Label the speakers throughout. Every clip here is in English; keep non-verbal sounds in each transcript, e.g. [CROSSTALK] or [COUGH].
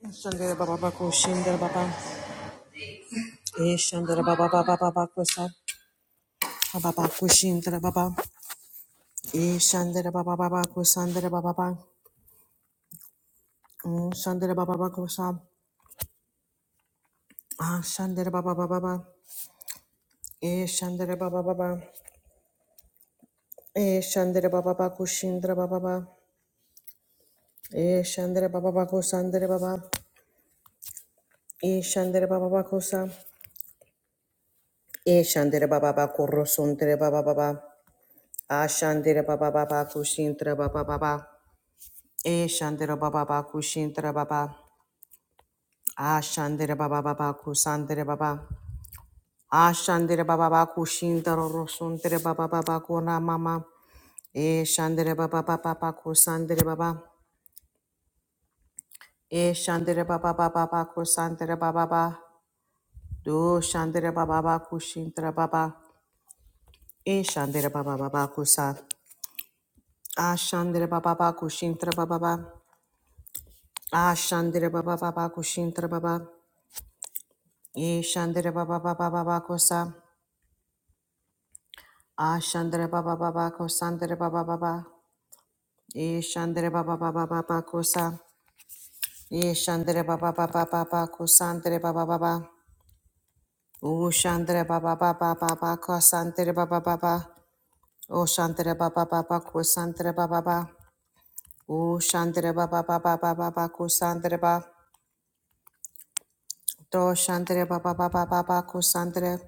Speaker 1: Shandera baba bako shindra baba. E shandera baba baba baba kosa. Baba bako shindera baba. E shandera baba baba kosandera baba baba. Mm, Shandera baba baba kosa. Ah shandera baba baba baba. E shandera baba baba. E shandera baba baba koshindera baba baba. E shandera baba baba kosandera baba. E shandera baba baba kosa. E shandera baba baba korosondera baba baba. Ah shandera baba baba koshindera baba baba. E shandera baba ba kushintera baba. A shandera baba baba kusandera baba. A shandera baba ba kushintera rosuntera baba baba kona mama. E shandera baba baba ba kusandera baba. E shandera baba baba ba kusandera baba ba. Do shandera baba ba kushintera baba. E shandera baba baba kusa. A shandera baba ba kushintera baba ba. A shandera baba baba kushintera baba. E shandera baba baba baba kusa. Ashandra Baba Baba Kosandra Baba Baba Ishandra Baba Baba Baba Kosa Ishandra Baba Baba Baba Kosandra Baba Baba Ushandra Baba Baba Baba Kosandra Baba Baba Oshandra Baba Baba Kosandra Baba Baba Ushandra Baba Baba Baba Kosandra Baba Doshandra Baba Baba Baba Kosandra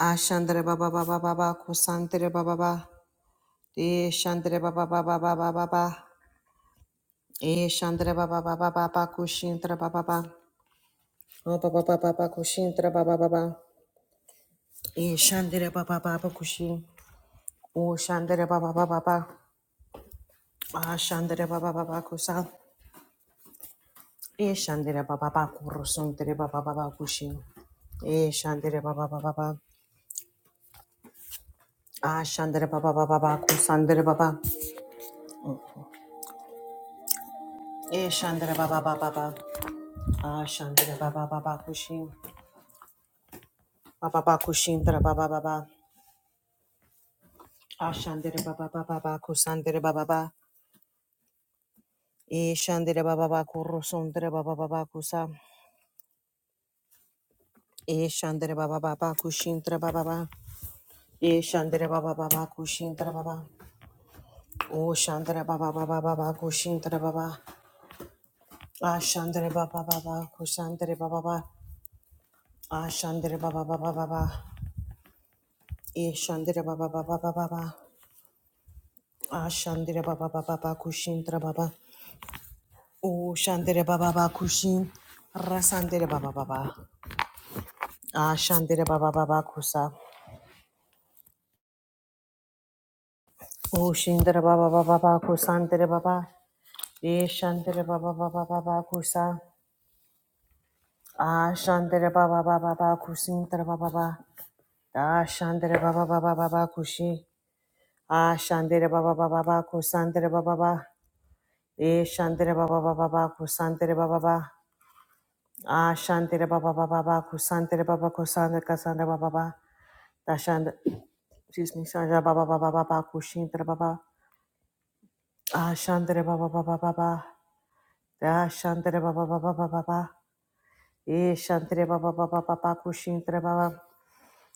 Speaker 1: Ashandra Baba Baba Baba Kosandra Baba Baba Ishandra Baba Baba Baba Baba Eh, Shandra ba ba ba ba ba ba Kushintra ba ba ba. Oh ba ba ba ba ba Kushintra ba ba ba ba. Eh, Shandra ba ba ba ba Kushi. Oh Shandra ba ba ba ba ba. Ah Shandra ba ba ba ba Kusa. Eh, Shandra ba ba ba Kurusuntra ba ba ba ba Kushi. Eh, Shandra ba ba ba ba ba. Ah Shandra ba ba ba ba ba Kusandra ba ba. Eh, Shandra ba ba ba ba ba. Ah Shandra ba ba ba ba Kushi. Ba ba ba Kushintra ba ba ba ba. Ah Shandra ba ba ba ba ba Kusandra ba ba ba. E shandere baba ba kurusundere baba baba kusa. E shandere baba baba kushindere baba ba. E shandere baba baba kushindere baba. O shandere baba baba baba kushindere baba. A shandere baba baba kushandere baba ba. A shandere baba baba baba. E shandere baba baba baba ba. A shandere baba baba baba kushindere baba. O shandere baba baba kushin. Rasandere baba baba. A shandere baba baba kusa. Oshinda baba baba baba kusandere baba. Eshandere baba baba baba kusa. Ashandere baba baba baba kusindere baba baba. Ashandere baba baba baba kushi. Ashandere baba baba baba kusandere baba baba. Eshandere baba baba baba kusandere baba baba. Ashandere baba baba baba kusandere baba kusandere kasandere baba baba. Dashand excuse me, Sandra baba baba baba kushindere baba. Ashandere baba baba baba. Da Shantara Baba Baba Baba Baba. E Shantara Baba Baba Baba Kushintara Baba.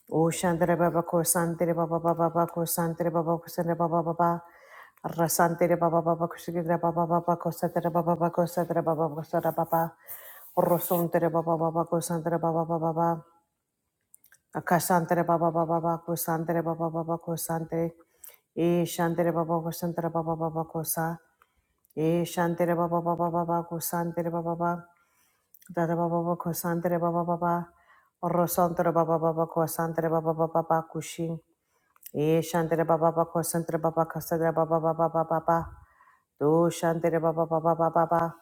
Speaker 1: O Shantara Baba Kosantara Baba Baba Baba Kosantara Baba Kosantara Baba Baba. Rasantara Baba Baba Kushintara Baba Baba Kosantara Baba Baba Kosantara Baba Kosantara Baba. Rosontara Baba Baba Kosantara Baba Baba Baba. Akasantara Baba Baba Baba Kosantara Baba Baba Kosantara. E Shantara Baba Kosantara Baba Baba Kosa. E Shantara Baba Baba Baba Kosantara Baba Baba. Da da Dada ba ba kosantere ba baba rosantere baba ba ba ba kosantere ba ba ba ba ba kushin e shantere baba ba ba kosantere ba ba kasadere baba baba ba ba ba ba ba do shantere baba baba baba ba ba ba ba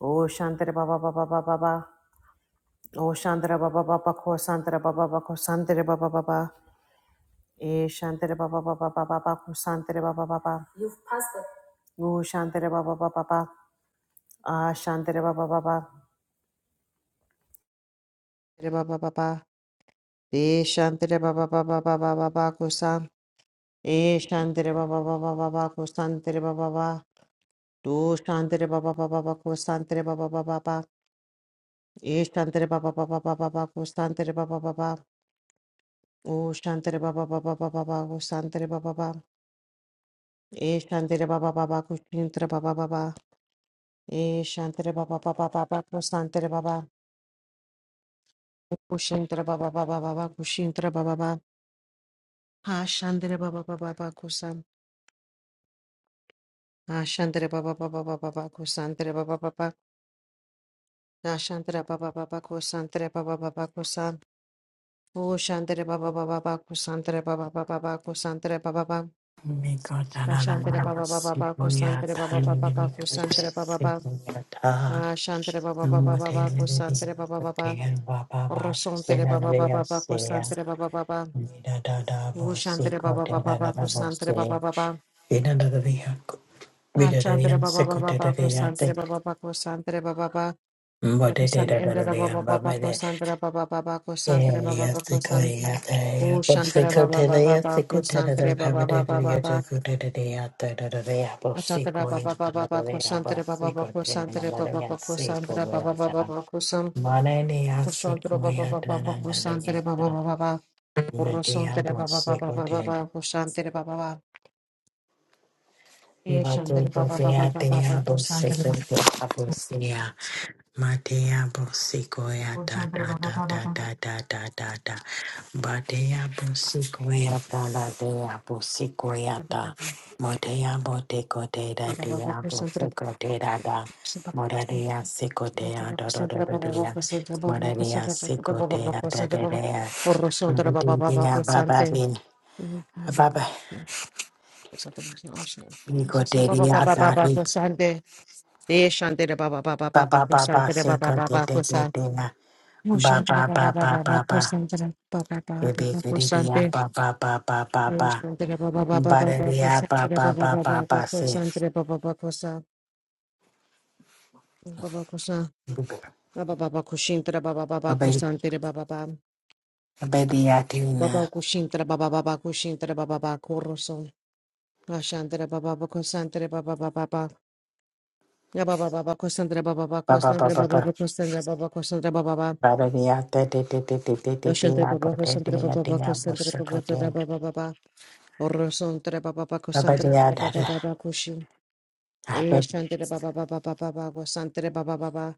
Speaker 1: o shantere ba ba ba baba o shantere ba ba ba ba kosantere ba. baba kosantere baba ba ba ba e shantere ba ba, baba baba kosantere ba ba ba ba o shantere ba ba ba ba ba a shantere baba baba ba ba ba ba ba ba de shantere ba ba ba baba kusan E Shantere Baba Baba Baba Kusantere Baba Baba Do Shantere Baba Baba Baba Kusantere Baba Baba Baba E Shantere Baba Baba Baba Baba Kusantere Baba Baba O Shantere Baba Baba Baba Baba Kusantere Baba Baba E Shantere Baba Baba Kushintere Baba Baba E Shantere Baba Baba Baba Kusantere Baba Kushintere Baba Baba Baba Kushintere Baba Baba Ha Shantere Baba Baba Baba Kusan Ha Shantere Baba Baba Baba Baba Kusantere Baba Baba Da Shantara Baba Baba Kusantre Baba Baba Kusan. O Shantre Baba Baba Baba Kusantre Baba Baba Baba Kusantre Baba Baba.
Speaker 2: Mira,
Speaker 1: Da Shantre Baba Baba Baba Kusantre Baba Baba Baba Kusantre Baba Baba. Da Shantre Baba Baba Baba Kusantre Baba Baba. Rosantre Baba Baba Baba Kusantre Baba Baba. O Shantre Baba Baba Baba Kusantre Baba Baba. Ah, Shantre Baba Baba Baba Kusantre Baba Baba Kusantre Baba Baba. Da Kusantre Baba Baba Baba Kusantre Baba Baba Kusantre Baba Baba Kusantre O Shantara Baba Baba Baku Santere Baba Baba Baba Achatara Baba Baba Baku Santere Baba Baku Santere Baba Baku Santara Baba Baba
Speaker 2: Mananiya
Speaker 1: Baku Sam Kushantara Baba Baba Baku Santere Baba Baba Baba Urusantere Baba Baba Baba Baku Santere Baba Baba E Shantere Baba Baba Baba Baku Santere Baba Baba
Speaker 2: Madea Bosikoya da
Speaker 1: Santere
Speaker 2: da
Speaker 1: Baba Baba
Speaker 2: da da
Speaker 1: Baba
Speaker 2: da da da da da Badea Bosikoya da la dea Bosikoya da
Speaker 1: Baba
Speaker 2: Modea Boteco de da
Speaker 1: Baba
Speaker 2: dea
Speaker 1: Baku Santere
Speaker 2: Boseco de da da Modea
Speaker 1: Baba Baba Baba
Speaker 2: Seco dea da da da
Speaker 1: Baba
Speaker 2: da dea Modea Seco dea da da dea Modea Baba bin Baba
Speaker 1: Baba
Speaker 2: Bico de dea da di Baba Baba
Speaker 1: Baba
Speaker 2: Seco de de de dea Baba Baba Baba Bibididiya ba ba ba ba ba ba. Badadiya ba ba ba ba ba se.
Speaker 1: Baba
Speaker 2: Babi-
Speaker 1: Baba
Speaker 2: Babadiya
Speaker 1: Baba
Speaker 2: tina.
Speaker 1: kushintra baba baba kushintra baba baba kurusun. Ashantra baba baba kusantra baba baba baba. Ya baba baba kusantra baba baba
Speaker 2: Ba ba ba
Speaker 1: kusantra
Speaker 2: ba
Speaker 1: baba
Speaker 2: ba.
Speaker 1: baba kusantra baba kusantra baba baba.
Speaker 2: Badadiya te te te te te te te te
Speaker 1: Yoshantra
Speaker 2: ya bo
Speaker 1: baba
Speaker 2: te te
Speaker 1: kusantra
Speaker 2: ya
Speaker 1: baba
Speaker 2: te
Speaker 1: baba
Speaker 2: ya bo
Speaker 1: kusantra
Speaker 2: se ko
Speaker 1: baba
Speaker 2: te.
Speaker 1: tata baba baba. Urusuntra baba baba kusantra
Speaker 2: Babadiya da
Speaker 1: baba baba baba kushin. E
Speaker 2: da.
Speaker 1: shantra baba baba baba baba kusantra baba baba.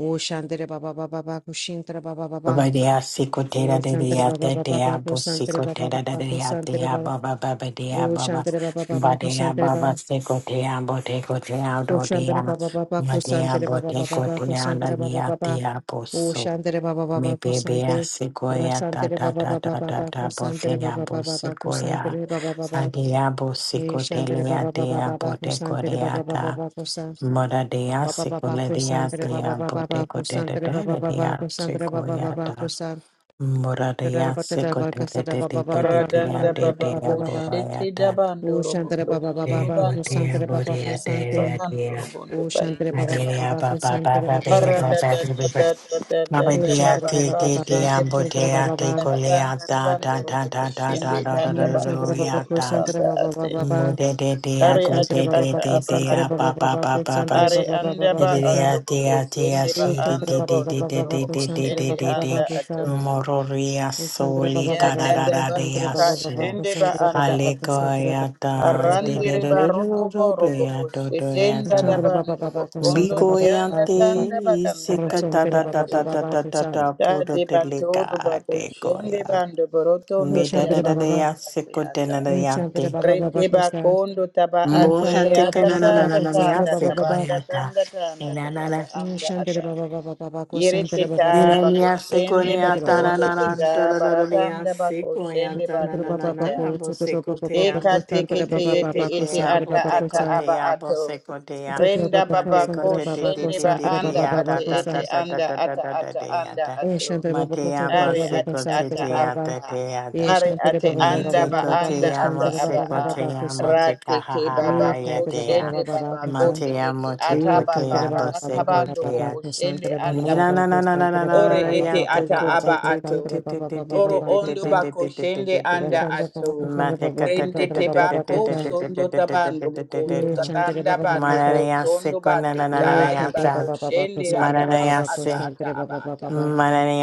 Speaker 1: O shantra baba baba baba kushintra baba baba.
Speaker 2: Baba dia siko tera
Speaker 1: O
Speaker 2: de
Speaker 1: shantra
Speaker 2: dia
Speaker 1: baba
Speaker 2: te
Speaker 1: baba baba
Speaker 2: dia bo
Speaker 1: kusantra
Speaker 2: siko
Speaker 1: baba
Speaker 2: tera de
Speaker 1: baba
Speaker 2: dia
Speaker 1: kusantra
Speaker 2: dia
Speaker 1: baba.
Speaker 2: baba baba dia
Speaker 1: O
Speaker 2: baba
Speaker 1: shantra baba
Speaker 2: baba
Speaker 1: baba
Speaker 2: dia
Speaker 1: kusantra baba.
Speaker 2: baba siko tera bo te ko tera do dia
Speaker 1: Roshandra Baba Baba
Speaker 2: ma dia
Speaker 1: Kusantre
Speaker 2: bo
Speaker 1: Baba
Speaker 2: te
Speaker 1: Baba
Speaker 2: ko
Speaker 1: Baba
Speaker 2: tera la
Speaker 1: Kusantre Baba
Speaker 2: dia
Speaker 1: Baba
Speaker 2: dia bo so
Speaker 1: Ushantre Baba
Speaker 2: me
Speaker 1: Baba
Speaker 2: be a
Speaker 1: Kusante
Speaker 2: siko ya ta
Speaker 1: Rasantre
Speaker 2: ta
Speaker 1: Baba
Speaker 2: ta
Speaker 1: Baba
Speaker 2: ta ta
Speaker 1: Baba
Speaker 2: ta bo
Speaker 1: Kusantre
Speaker 2: te ya
Speaker 1: Baba
Speaker 2: bo
Speaker 1: Baba Baba
Speaker 2: siko ya
Speaker 1: Kusantre Baba
Speaker 2: a
Speaker 1: Baba
Speaker 2: dia bo siko tera
Speaker 1: Ishantre
Speaker 2: ya
Speaker 1: Baba Baba
Speaker 2: dia
Speaker 1: Baba
Speaker 2: bo te ko
Speaker 1: Kusantre Baba
Speaker 2: ya
Speaker 1: Baba
Speaker 2: ta
Speaker 1: Baba Kusa
Speaker 2: Mora dia
Speaker 1: Baba
Speaker 2: siko
Speaker 1: Baba
Speaker 2: le dia
Speaker 1: Kusantre Baba
Speaker 2: dia
Speaker 1: Baba
Speaker 2: bo te
Speaker 1: Baba
Speaker 2: ko tera
Speaker 1: Kusantre Baba
Speaker 2: da.
Speaker 1: Baba
Speaker 2: dia
Speaker 1: Kusantre
Speaker 2: siko
Speaker 1: Baba
Speaker 2: ya
Speaker 1: Baba
Speaker 2: ta
Speaker 1: Kusa
Speaker 2: Moradea
Speaker 1: Tadarabata
Speaker 2: secote de
Speaker 1: Bakasada
Speaker 2: de
Speaker 1: Baba
Speaker 2: de de
Speaker 1: Baba Baba
Speaker 2: de
Speaker 3: Radanda
Speaker 2: de de
Speaker 1: Kusantre
Speaker 3: baba
Speaker 1: Baba
Speaker 2: de
Speaker 1: Baba Baba
Speaker 3: koshete
Speaker 2: boyata
Speaker 3: dabando robo
Speaker 1: Ushantre Baba
Speaker 3: tondo
Speaker 1: Baba
Speaker 2: de
Speaker 1: Baba
Speaker 3: turubando robo
Speaker 2: botea
Speaker 1: Kusantre Baba
Speaker 2: borea
Speaker 3: kuseyanda
Speaker 1: Kusante
Speaker 2: de
Speaker 3: barando
Speaker 2: de
Speaker 3: robondo
Speaker 1: O Shantara
Speaker 3: tainde
Speaker 1: Baba
Speaker 3: atira.
Speaker 2: Adea
Speaker 1: Baba Ko
Speaker 2: baba
Speaker 1: Shantara
Speaker 2: baba
Speaker 1: Baba
Speaker 2: bea baba
Speaker 1: Baba
Speaker 3: Radada da
Speaker 2: baba
Speaker 3: da da da da
Speaker 2: Baba
Speaker 1: O
Speaker 3: da
Speaker 2: dea
Speaker 1: Shantara
Speaker 3: baba
Speaker 1: Baba
Speaker 2: te te
Speaker 1: Baba
Speaker 2: te
Speaker 1: Baba
Speaker 3: kashende
Speaker 1: Ko Shantara
Speaker 2: ambotea
Speaker 1: Baba
Speaker 3: bakondo
Speaker 2: te
Speaker 1: Baba
Speaker 3: tarabanda
Speaker 2: coleata da
Speaker 3: rabando
Speaker 2: da
Speaker 3: robo
Speaker 2: da da da
Speaker 3: koshende
Speaker 2: da da
Speaker 3: danda
Speaker 1: O Shantara
Speaker 3: bakondo
Speaker 1: Baba
Speaker 2: da da
Speaker 1: Ko
Speaker 2: da
Speaker 1: Shantara
Speaker 3: anda
Speaker 1: Baba Baba
Speaker 3: ate.
Speaker 2: Mo
Speaker 1: Baba
Speaker 2: de de de a
Speaker 3: Are
Speaker 2: go
Speaker 1: Shantara
Speaker 3: ate
Speaker 2: de de
Speaker 3: ata
Speaker 2: de
Speaker 3: aba
Speaker 2: de a
Speaker 1: Baba
Speaker 2: ba
Speaker 3: atobo.
Speaker 2: ba
Speaker 1: Baba
Speaker 2: ba
Speaker 1: Ko
Speaker 2: ba ba.
Speaker 1: Shantara
Speaker 3: Are
Speaker 1: Baba Baba
Speaker 3: anda
Speaker 1: Ko Shantara Baba Baba
Speaker 2: De
Speaker 1: Baba
Speaker 3: ba
Speaker 2: de de
Speaker 1: Ko
Speaker 2: a
Speaker 3: ando
Speaker 1: Shantara
Speaker 2: de a
Speaker 3: boko
Speaker 2: de a
Speaker 3: sende ba
Speaker 1: O
Speaker 2: si de
Speaker 1: Shantara
Speaker 3: ando
Speaker 2: de
Speaker 1: Baba
Speaker 2: de de
Speaker 3: bondo
Speaker 1: Baba
Speaker 2: de
Speaker 1: Baba
Speaker 2: de
Speaker 3: torobo
Speaker 1: Ko
Speaker 2: de de
Speaker 1: Shantara
Speaker 2: de
Speaker 3: koshende
Speaker 2: de
Speaker 1: Baba
Speaker 2: de.
Speaker 1: Baba
Speaker 3: anda
Speaker 1: Ko Shantara
Speaker 3: ato.
Speaker 2: Mororia
Speaker 1: O Shantara
Speaker 2: soli
Speaker 1: Baba
Speaker 3: Ya
Speaker 1: Baba Baba
Speaker 3: dada
Speaker 1: Ko
Speaker 2: kararara de
Speaker 3: baba
Speaker 1: Shantara
Speaker 2: a
Speaker 1: Baba Baba
Speaker 2: so.
Speaker 1: Ko
Speaker 3: kashende ba
Speaker 1: Shantara Baba
Speaker 3: anda
Speaker 1: Baba Ko
Speaker 3: ate.
Speaker 1: Shantara Baba Shantara Baba
Speaker 2: Halekoya
Speaker 1: Ko
Speaker 2: da de de
Speaker 3: Arrandire
Speaker 2: de
Speaker 1: Shantara
Speaker 2: de de
Speaker 3: baroto
Speaker 2: de
Speaker 3: boro
Speaker 2: de a
Speaker 3: boko
Speaker 2: do do ya
Speaker 1: O
Speaker 3: shetenda da
Speaker 2: da.
Speaker 1: Shantara Baba
Speaker 3: bando
Speaker 1: Baba Ko Shantara Baba Baba Ko
Speaker 3: boko
Speaker 1: Shantara
Speaker 3: ondo
Speaker 2: Biko
Speaker 1: Baba
Speaker 3: teanda
Speaker 2: yante
Speaker 3: tanda bakanda
Speaker 2: isika ta
Speaker 3: tayende
Speaker 2: ta ta ta
Speaker 3: ate.
Speaker 2: ta
Speaker 1: Baba
Speaker 2: ta
Speaker 1: Ko
Speaker 2: ta ta puro
Speaker 3: Tade
Speaker 2: teleka
Speaker 3: batodo bako
Speaker 2: de
Speaker 3: shende
Speaker 2: koya.
Speaker 3: bando boroto ondo
Speaker 2: Me da da
Speaker 3: teaba
Speaker 2: da da
Speaker 1: Shantara
Speaker 2: ya
Speaker 3: ado ate
Speaker 2: seko de na
Speaker 3: ata.
Speaker 2: da
Speaker 1: Shandra
Speaker 2: yante.
Speaker 1: Baba Baba
Speaker 3: Rete
Speaker 1: Kosa.
Speaker 3: bakondo taba
Speaker 2: Moja
Speaker 3: ate
Speaker 1: Shandra
Speaker 2: te
Speaker 1: Baba
Speaker 3: ata
Speaker 1: Baba
Speaker 2: canana na
Speaker 1: Baba
Speaker 2: na
Speaker 3: tata
Speaker 2: na na
Speaker 1: Shandra
Speaker 3: tanda
Speaker 2: hace
Speaker 1: Baba Baba.
Speaker 3: tabanda
Speaker 2: coyata.
Speaker 3: tanda tanda tataba anda
Speaker 1: Shandra
Speaker 3: ata.
Speaker 1: Baba Baba Baba Kosa.
Speaker 3: Yere
Speaker 1: Shandra Baba
Speaker 3: teta
Speaker 1: Baba.
Speaker 3: bako
Speaker 2: Nirania
Speaker 3: shende
Speaker 2: sekonia
Speaker 1: Shandra
Speaker 3: bako
Speaker 1: Baba
Speaker 3: ondo
Speaker 2: tananana
Speaker 3: teta
Speaker 2: dororororea
Speaker 3: baratanda bako
Speaker 2: sekoia
Speaker 3: shende bando teta.
Speaker 2: tananana bo sekotea
Speaker 3: Deka
Speaker 2: mo
Speaker 3: teke
Speaker 2: teko
Speaker 3: te
Speaker 2: te
Speaker 1: Baba
Speaker 2: te
Speaker 3: yete
Speaker 2: te
Speaker 1: Baba Kosa.
Speaker 3: ete
Speaker 2: te a
Speaker 1: Shandra
Speaker 2: bo
Speaker 3: ata
Speaker 1: Baba Baba
Speaker 3: ata
Speaker 1: Kosa.
Speaker 3: aba
Speaker 2: sekotea bo
Speaker 3: ato.
Speaker 2: sekotea
Speaker 1: Shandra
Speaker 3: Renda
Speaker 1: Baba
Speaker 2: ma
Speaker 1: Baba
Speaker 3: baba
Speaker 1: Kosa.
Speaker 2: teko
Speaker 1: Shandra
Speaker 3: ko
Speaker 2: te te
Speaker 1: Baba Kosa. Shandra Baba Kosa. Shandra Baba
Speaker 2: te
Speaker 3: shende
Speaker 1: Kosa.
Speaker 2: te
Speaker 3: ba
Speaker 2: te
Speaker 1: Shandra
Speaker 2: te
Speaker 1: Baba
Speaker 3: anda
Speaker 2: a
Speaker 1: Baba
Speaker 3: ate
Speaker 2: ta ta ta
Speaker 3: ete
Speaker 1: Kosa.
Speaker 2: ta ta
Speaker 3: anda
Speaker 2: ta ta
Speaker 3: ata
Speaker 2: ta ta
Speaker 3: ata
Speaker 2: te a
Speaker 3: anda
Speaker 2: ta
Speaker 3: ato.
Speaker 2: ma
Speaker 1: Shandra Baba
Speaker 2: te
Speaker 1: Kosa. Shandra
Speaker 2: a bo
Speaker 3: Are
Speaker 1: Baba Kosa.
Speaker 3: ate
Speaker 1: Shandra Baba
Speaker 3: ata
Speaker 2: sekotea
Speaker 3: aba
Speaker 1: Baba.
Speaker 2: ta
Speaker 3: a.
Speaker 2: te a ta
Speaker 3: Are
Speaker 1: Shandra Baba Baba Baba Kosa. Shandra Baba Baba
Speaker 3: ate
Speaker 2: me
Speaker 3: anda ba
Speaker 2: teko
Speaker 1: Baba
Speaker 2: te
Speaker 3: anda
Speaker 1: Kosa.
Speaker 2: a
Speaker 3: ata
Speaker 2: mo
Speaker 3: aba a.
Speaker 2: sekotea mo te ka
Speaker 3: Rate
Speaker 2: ha
Speaker 3: ke
Speaker 2: ha ha
Speaker 3: baba
Speaker 2: ha ya
Speaker 3: ko
Speaker 1: Shandra
Speaker 2: te
Speaker 1: Baba
Speaker 2: a
Speaker 1: Baba
Speaker 3: shende
Speaker 1: Baba
Speaker 3: baba
Speaker 2: ma
Speaker 1: Kosa.
Speaker 3: ko te
Speaker 2: te a
Speaker 3: ete
Speaker 2: mo
Speaker 3: ata
Speaker 2: teko te
Speaker 1: Santere
Speaker 3: baba
Speaker 2: a
Speaker 1: Baba Baba Baba
Speaker 3: karatabando
Speaker 1: Baba
Speaker 2: bo
Speaker 3: boko shende
Speaker 1: Santere Baba
Speaker 3: anda baba.
Speaker 1: Baba Santere Baba
Speaker 3: Ore ete
Speaker 1: Baba Baba
Speaker 3: ata
Speaker 1: Baba
Speaker 3: aba ato.
Speaker 1: Santere Baba Baba
Speaker 3: Oro
Speaker 1: Baba
Speaker 3: ondo
Speaker 1: Santere
Speaker 3: bako shende
Speaker 1: Baba
Speaker 3: anda ato.
Speaker 1: Santere Baba
Speaker 3: Rende
Speaker 1: Santere
Speaker 3: te
Speaker 1: Baba
Speaker 3: bako
Speaker 1: Baba Santere Baba Baba
Speaker 3: sondo tabando bukondo
Speaker 1: Santere
Speaker 3: tatanda
Speaker 1: Baba
Speaker 3: bando
Speaker 1: Baba
Speaker 3: burotondo bato taye
Speaker 1: Santere Baba
Speaker 3: bako
Speaker 2: Manayase,
Speaker 1: Baba
Speaker 3: shende
Speaker 1: Santere
Speaker 3: ato
Speaker 1: Baba Baba
Speaker 3: aba ata ata
Speaker 1: Santere Baba Baba Santere
Speaker 3: aba
Speaker 1: Baba Baba
Speaker 3: ata.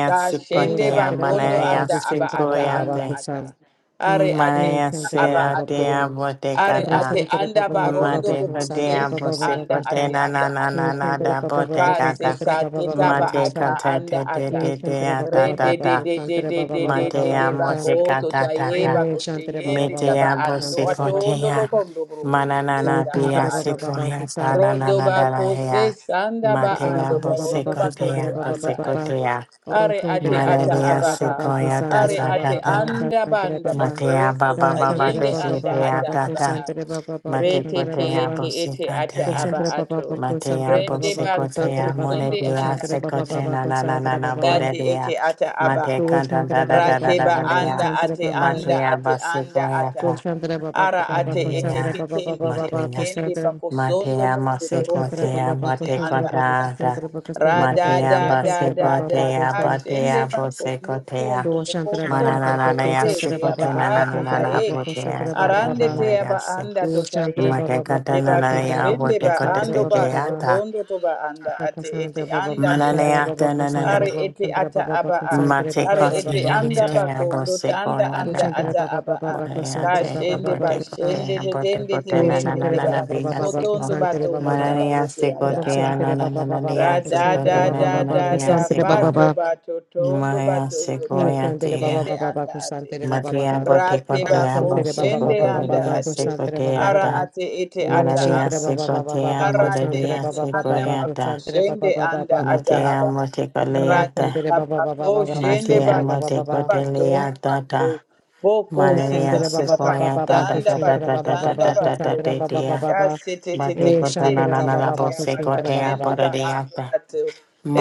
Speaker 3: Da shende
Speaker 1: Santere Baba
Speaker 3: bakondo
Speaker 1: Baba
Speaker 3: anda aba
Speaker 1: Santere
Speaker 3: ata
Speaker 1: Baba Baba Santere Baba Baba Santere Baba
Speaker 3: anda ata. Are ate
Speaker 2: Maria
Speaker 3: ata aba
Speaker 2: Sera de
Speaker 3: ato.
Speaker 1: Baba
Speaker 3: Are
Speaker 2: Abotecada,
Speaker 3: ate anda barondo
Speaker 2: Mate
Speaker 3: boko sende
Speaker 2: Hodea
Speaker 3: ba anda ate
Speaker 2: Bosicotena, na na
Speaker 3: ata
Speaker 2: na
Speaker 3: aba
Speaker 2: na na
Speaker 3: ato.
Speaker 2: da
Speaker 3: Ka se
Speaker 2: Botecada,
Speaker 1: Santere
Speaker 3: sa
Speaker 1: Baba
Speaker 3: teta ba
Speaker 2: Mate
Speaker 1: Baba
Speaker 3: ata anda
Speaker 2: Catete de
Speaker 1: Eh,
Speaker 3: ata.
Speaker 2: de
Speaker 1: Shantara
Speaker 2: dea
Speaker 1: Baba
Speaker 2: da
Speaker 3: Re
Speaker 1: Baba
Speaker 2: da
Speaker 3: de de
Speaker 2: da,
Speaker 1: Baba
Speaker 3: de de
Speaker 1: Shantara
Speaker 3: de
Speaker 1: Baba
Speaker 3: de
Speaker 1: Baba
Speaker 3: de de
Speaker 1: Baba
Speaker 3: de
Speaker 2: Matea
Speaker 1: Kesa.
Speaker 3: bako to
Speaker 2: Mosicata
Speaker 3: taye
Speaker 2: tata,
Speaker 1: Eh,
Speaker 3: bako
Speaker 1: Shantara Baba
Speaker 3: sheyende
Speaker 1: Baba Baba
Speaker 3: taba
Speaker 2: Metea
Speaker 3: ando
Speaker 1: Shantara
Speaker 3: ato
Speaker 1: Baba
Speaker 3: ondo
Speaker 1: Baba.
Speaker 2: Bosicotea,
Speaker 3: boko ondo broko ondo te
Speaker 1: Tu
Speaker 2: Mananana
Speaker 3: ata aba
Speaker 2: Pia
Speaker 1: Shantara Baba
Speaker 3: ato.
Speaker 1: Baba
Speaker 2: Sicoya,
Speaker 1: Kesa.
Speaker 3: Rodo
Speaker 2: Tanana da da
Speaker 3: bako se
Speaker 2: hea,
Speaker 3: sanda ba
Speaker 1: Shantara
Speaker 2: Matea
Speaker 3: ando
Speaker 1: Baba Baba
Speaker 3: barondo
Speaker 1: Baba Shantara
Speaker 3: bakondo
Speaker 2: Bosicotea,
Speaker 1: Baba Baba
Speaker 3: anda
Speaker 1: Baba.
Speaker 3: ato.
Speaker 2: Bosicotea,
Speaker 1: Or
Speaker 3: Are
Speaker 1: Shantara
Speaker 3: ate
Speaker 1: Baba
Speaker 3: ata
Speaker 1: Baba
Speaker 2: Maria
Speaker 3: aba
Speaker 1: Baba
Speaker 3: a.
Speaker 1: Baba
Speaker 2: Sicoya, ta
Speaker 1: Shantara
Speaker 3: Are
Speaker 2: ta
Speaker 1: Baba
Speaker 3: ate
Speaker 2: ta
Speaker 1: Baba
Speaker 2: ta.
Speaker 1: Ta
Speaker 3: anda
Speaker 1: Shantara
Speaker 3: banda
Speaker 1: Baba.
Speaker 2: Matea
Speaker 3: bako se
Speaker 1: Ta
Speaker 2: baba baba
Speaker 1: Shantara
Speaker 3: sayende
Speaker 1: Baba
Speaker 3: anda
Speaker 1: Baba
Speaker 2: desetea
Speaker 3: ata
Speaker 1: Baba
Speaker 3: aba
Speaker 2: tata.
Speaker 3: a.
Speaker 1: Shantara Baba Baba
Speaker 3: Re
Speaker 2: Mate
Speaker 3: te
Speaker 1: Shantara
Speaker 3: te
Speaker 1: Baba
Speaker 2: kotea
Speaker 3: ete
Speaker 1: Baba.
Speaker 3: ete ata
Speaker 2: bosikotea.
Speaker 3: aba
Speaker 1: Shantara Baba
Speaker 3: ato.
Speaker 1: Baba
Speaker 2: Matea
Speaker 1: Shantara
Speaker 3: Rende
Speaker 1: Baba Baba
Speaker 3: bako
Speaker 1: Shantara
Speaker 2: bosikotea
Speaker 1: Baba
Speaker 3: shende
Speaker 1: Baba
Speaker 2: moretea
Speaker 3: anda
Speaker 1: Shantara Baba
Speaker 3: ato.
Speaker 2: sekote na
Speaker 1: Baba
Speaker 2: na na na
Speaker 1: Shantara
Speaker 2: na
Speaker 1: Baba Baba.
Speaker 3: Dati
Speaker 2: boretea.
Speaker 3: ete ata aba
Speaker 2: Mate
Speaker 1: Tu
Speaker 3: a.
Speaker 2: kanta da
Speaker 1: Shantara
Speaker 2: da
Speaker 1: Baba
Speaker 2: da da
Speaker 1: Baba
Speaker 2: da
Speaker 3: Rateba
Speaker 2: da
Speaker 1: Baba
Speaker 3: anda
Speaker 2: dea.
Speaker 1: Shantara
Speaker 3: ate
Speaker 1: Baba.
Speaker 3: anda
Speaker 2: Matea
Speaker 3: ate anda
Speaker 2: basikoya ta.
Speaker 3: ata.
Speaker 1: Koshandra Baba
Speaker 3: Ara
Speaker 1: Baba
Speaker 3: ate ete
Speaker 1: Koshandra
Speaker 2: Matea.
Speaker 1: Baba Baba
Speaker 3: ketende tepe
Speaker 1: Baba
Speaker 2: Matea.
Speaker 3: kende
Speaker 1: Koshandra
Speaker 3: bakosondo
Speaker 2: Matea
Speaker 3: bondo turobo
Speaker 1: Koshandra
Speaker 3: kondo
Speaker 2: masikotea
Speaker 1: Baba Baba
Speaker 3: ete
Speaker 2: mate
Speaker 1: Koshandra
Speaker 3: anda
Speaker 1: Baba
Speaker 3: ata.
Speaker 2: kota ta.
Speaker 1: Koshandra Baba Koshandra Baba
Speaker 3: Rada
Speaker 2: Matea
Speaker 3: da da
Speaker 1: Koshandra
Speaker 3: da
Speaker 1: Baba Baba
Speaker 3: da
Speaker 2: basikotea
Speaker 1: Kosa
Speaker 3: kashende
Speaker 2: batea
Speaker 3: bakondo
Speaker 2: bosikotea.
Speaker 3: tondo
Speaker 1: Koshandra Baba
Speaker 3: bokosondo to
Speaker 2: Manana
Speaker 1: Baba
Speaker 3: ete
Speaker 2: Maya
Speaker 1: Koshandra
Speaker 3: ete
Speaker 1: Baba
Speaker 3: aba
Speaker 1: Baba
Speaker 3: ato taye.
Speaker 1: Koshandra Baba
Speaker 3: Arande te aba anda to
Speaker 1: Koshandra
Speaker 3: taye.
Speaker 1: Baba Baba
Speaker 3: De
Speaker 1: Koshandra Baba Baba Koshandra Baba
Speaker 3: bakoshende ba
Speaker 1: Koshandra
Speaker 3: ando
Speaker 1: Baba
Speaker 3: ba
Speaker 1: Baba
Speaker 3: sotondo to ba anda ate
Speaker 1: Koshandra
Speaker 3: ete
Speaker 1: Baba
Speaker 3: anda te ba
Speaker 1: Koshandra
Speaker 3: e.
Speaker 1: Baba
Speaker 3: Are
Speaker 1: Koshandra Baba
Speaker 3: ete
Speaker 1: Koshandra
Speaker 3: ata
Speaker 1: Baba
Speaker 3: aba'a.
Speaker 1: Koshandra
Speaker 3: Are
Speaker 1: Baba Baba Kosa Koshandra Baba Baba Koshandra Baba
Speaker 3: ete
Speaker 1: Baba
Speaker 3: anda
Speaker 1: Kosa
Speaker 3: bako. Ndota anda
Speaker 1: Om
Speaker 3: anda ata
Speaker 1: Baba Baba
Speaker 3: aba'a. Ka shende ba
Speaker 1: Baba
Speaker 3: shende de tende te
Speaker 1: Om
Speaker 3: berende te barako. Sotondo
Speaker 1: Baba
Speaker 3: batondo
Speaker 1: Baba
Speaker 3: tabayete ata aba'a.
Speaker 1: Rosantere baba baba baba
Speaker 3: Ra da
Speaker 1: kusantere
Speaker 3: da
Speaker 1: baba
Speaker 3: da
Speaker 1: baba
Speaker 3: da da
Speaker 1: kusantere baba
Speaker 3: bato
Speaker 1: baba
Speaker 3: bato tondo batondo
Speaker 2: sequoia
Speaker 3: tayete
Speaker 1: kusantere
Speaker 2: tiga
Speaker 1: baba
Speaker 3: yende
Speaker 1: baba
Speaker 3: anda ate.
Speaker 1: kusantere baba
Speaker 2: Matea
Speaker 1: baba
Speaker 3: Ra te
Speaker 2: botecotea
Speaker 3: bako
Speaker 1: rosantere baba
Speaker 3: shende
Speaker 1: baba
Speaker 3: anda
Speaker 1: baba
Speaker 2: bosecotea
Speaker 3: ate.
Speaker 1: kusantere baba
Speaker 3: Ara
Speaker 1: baba
Speaker 2: secoteata.
Speaker 3: ate ete ata
Speaker 1: kusantere
Speaker 2: Mararia
Speaker 1: baba
Speaker 3: aba'a.
Speaker 1: baba
Speaker 2: secotea
Speaker 1: baba
Speaker 3: Arate
Speaker 1: kusantere
Speaker 2: moraria
Speaker 3: ete
Speaker 1: baba
Speaker 3: anda
Speaker 1: baba
Speaker 3: bako
Speaker 2: secoeata.
Speaker 1: kusantere baba
Speaker 3: shende anda
Speaker 1: baba
Speaker 3: ata
Speaker 2: Matea
Speaker 3: abaha. Rade
Speaker 2: motecoleata.
Speaker 1: kusantere
Speaker 3: baba
Speaker 1: baba baba
Speaker 3: ko
Speaker 1: baba
Speaker 3: shende
Speaker 2: Matea
Speaker 1: kusantere
Speaker 3: bato
Speaker 1: baba
Speaker 3: undo
Speaker 1: baba
Speaker 3: bato undo
Speaker 2: motecoteleata.
Speaker 3: bato
Speaker 2: ta.
Speaker 3: boko
Speaker 2: Mararia
Speaker 3: sesanda bato
Speaker 2: secoeata da
Speaker 3: tanda
Speaker 2: da da
Speaker 3: bato
Speaker 1: kusantere
Speaker 2: da
Speaker 1: baba
Speaker 2: da
Speaker 1: baba
Speaker 2: da
Speaker 3: tanda
Speaker 1: baba kusantere baba baba
Speaker 2: da da
Speaker 3: bato
Speaker 2: da
Speaker 1: kusantere
Speaker 2: da
Speaker 1: baba
Speaker 2: da
Speaker 1: baba
Speaker 3: kase te te te
Speaker 1: e
Speaker 3: ete
Speaker 2: Batecotana
Speaker 1: shantere
Speaker 2: la
Speaker 3: ete
Speaker 2: la
Speaker 1: baba
Speaker 2: la
Speaker 3: ate
Speaker 1: baba
Speaker 3: abaka
Speaker 1: kusantere baba
Speaker 2: bosecotea
Speaker 3: shende
Speaker 1: baba
Speaker 3: ba ando
Speaker 2: boradeata.
Speaker 3: ato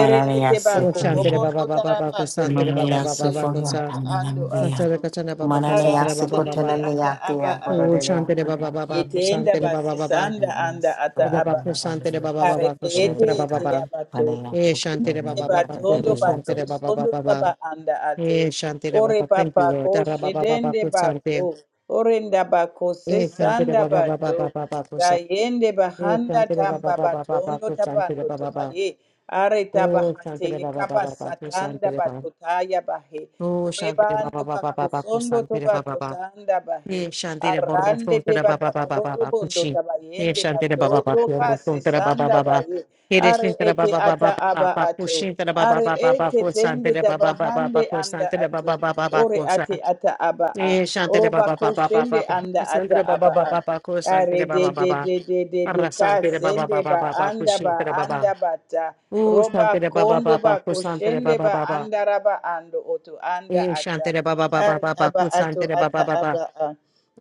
Speaker 3: erende te
Speaker 1: o
Speaker 3: bako
Speaker 1: shantere
Speaker 2: secoea.
Speaker 3: obondo
Speaker 1: baba baba baba
Speaker 3: tarabando to
Speaker 1: kusantere
Speaker 3: ba
Speaker 1: baba
Speaker 2: Mararia
Speaker 3: ete
Speaker 1: baba baba
Speaker 3: ete aba
Speaker 2: secoeata la
Speaker 3: ando
Speaker 2: la
Speaker 3: ato
Speaker 1: Kasara kasana baba
Speaker 3: ara
Speaker 2: Mananea
Speaker 1: kusantara
Speaker 3: ate
Speaker 1: baba
Speaker 3: ete
Speaker 1: baba.
Speaker 3: ata
Speaker 2: sikotenanea
Speaker 3: aba
Speaker 2: tia
Speaker 1: Oh,
Speaker 2: borodea.
Speaker 1: shantara baba
Speaker 2: Mananea
Speaker 1: baba
Speaker 3: Yetenda
Speaker 1: kusantara baba baba.
Speaker 3: basisanda anda ata
Speaker 1: Baba baba
Speaker 3: aba a.
Speaker 1: kusantara baba baba
Speaker 3: Karete ete
Speaker 1: kusantara baba
Speaker 3: ete
Speaker 1: baba.
Speaker 3: yabato.
Speaker 1: Eh,
Speaker 3: Yende
Speaker 1: shantara
Speaker 3: te
Speaker 1: baba baba
Speaker 2: the
Speaker 3: batondo bato
Speaker 2: dadea.
Speaker 1: kurusantara baba baba
Speaker 3: sondo
Speaker 1: baba.
Speaker 3: taba anda ato.
Speaker 1: Eh, shantara
Speaker 3: Ore
Speaker 1: baba. Thank
Speaker 3: papa
Speaker 1: you, Lord.
Speaker 3: ko
Speaker 1: Tara baba baba
Speaker 3: shedende bato.
Speaker 1: kusante.
Speaker 3: Ore ndaba ko
Speaker 1: Eh, shantara
Speaker 3: sesanda
Speaker 1: baba baba baba
Speaker 3: bato.
Speaker 1: baba
Speaker 3: Da
Speaker 1: kusa.
Speaker 3: yende
Speaker 1: Eh,
Speaker 3: bahanda
Speaker 1: shantara baba
Speaker 3: tamba
Speaker 1: baba baba
Speaker 3: batondo
Speaker 1: kusantara
Speaker 3: tabando
Speaker 1: baba baba.
Speaker 3: tobaye. Are
Speaker 1: Oh, shantara
Speaker 3: tabahate
Speaker 1: baba
Speaker 3: kaba
Speaker 1: baba baba
Speaker 3: satanda
Speaker 1: kusantara baba.
Speaker 3: batotaya bahe.
Speaker 1: Oh,
Speaker 3: Ore
Speaker 1: shantara
Speaker 3: bando
Speaker 1: baba baba
Speaker 3: bako
Speaker 1: baba
Speaker 3: sondo
Speaker 1: kusantara baba
Speaker 3: toba
Speaker 1: baba.
Speaker 3: totanda bahe.
Speaker 1: Ye shandere borro
Speaker 3: Arande de
Speaker 1: frontera baba baba
Speaker 3: babakoto
Speaker 1: baba
Speaker 3: bondo
Speaker 1: kushi. Ye
Speaker 3: tabayende
Speaker 1: shandere baba baba
Speaker 3: batoto
Speaker 1: korro
Speaker 3: kase
Speaker 1: frontera baba
Speaker 3: sanda
Speaker 1: baba.
Speaker 3: baye.
Speaker 1: Ye
Speaker 3: Are
Speaker 1: desintera
Speaker 3: ete
Speaker 1: baba baba
Speaker 3: ata aba
Speaker 1: baba
Speaker 3: ato.
Speaker 1: kushi tera baba
Speaker 3: Are
Speaker 1: baba baba
Speaker 3: ete tende
Speaker 1: kusantere baba baba baba
Speaker 3: tabahande anda
Speaker 1: kusantere
Speaker 3: ato.
Speaker 1: baba baba baba
Speaker 3: Ore
Speaker 1: kusa.
Speaker 3: ate ata aba a.
Speaker 1: Ye shantere
Speaker 3: Roba
Speaker 1: baba baba baba
Speaker 3: koshende
Speaker 1: baba
Speaker 3: anda ata
Speaker 1: kusantere baba
Speaker 3: aba
Speaker 1: baba
Speaker 3: a.
Speaker 1: baba
Speaker 3: Are
Speaker 1: kusantere
Speaker 3: de
Speaker 1: baba
Speaker 3: de
Speaker 1: baba.
Speaker 3: de de de de
Speaker 1: Arrasantere baba
Speaker 3: kasende
Speaker 1: baba
Speaker 3: ba
Speaker 1: baba
Speaker 3: anda
Speaker 1: kushi
Speaker 3: ba
Speaker 1: tera baba.
Speaker 3: anda bata.
Speaker 1: U
Speaker 3: Roba
Speaker 1: shantere baba
Speaker 3: kondo
Speaker 1: baba
Speaker 3: ba
Speaker 1: kusantere
Speaker 3: koshende
Speaker 1: baba
Speaker 3: ba
Speaker 1: baba.
Speaker 3: anda raba ando oto anda
Speaker 1: Ye
Speaker 3: ata.
Speaker 1: shantere baba baba
Speaker 3: Ari
Speaker 1: baba
Speaker 3: aba ato
Speaker 1: kusantere baba
Speaker 3: ata
Speaker 1: baba.
Speaker 3: aba a.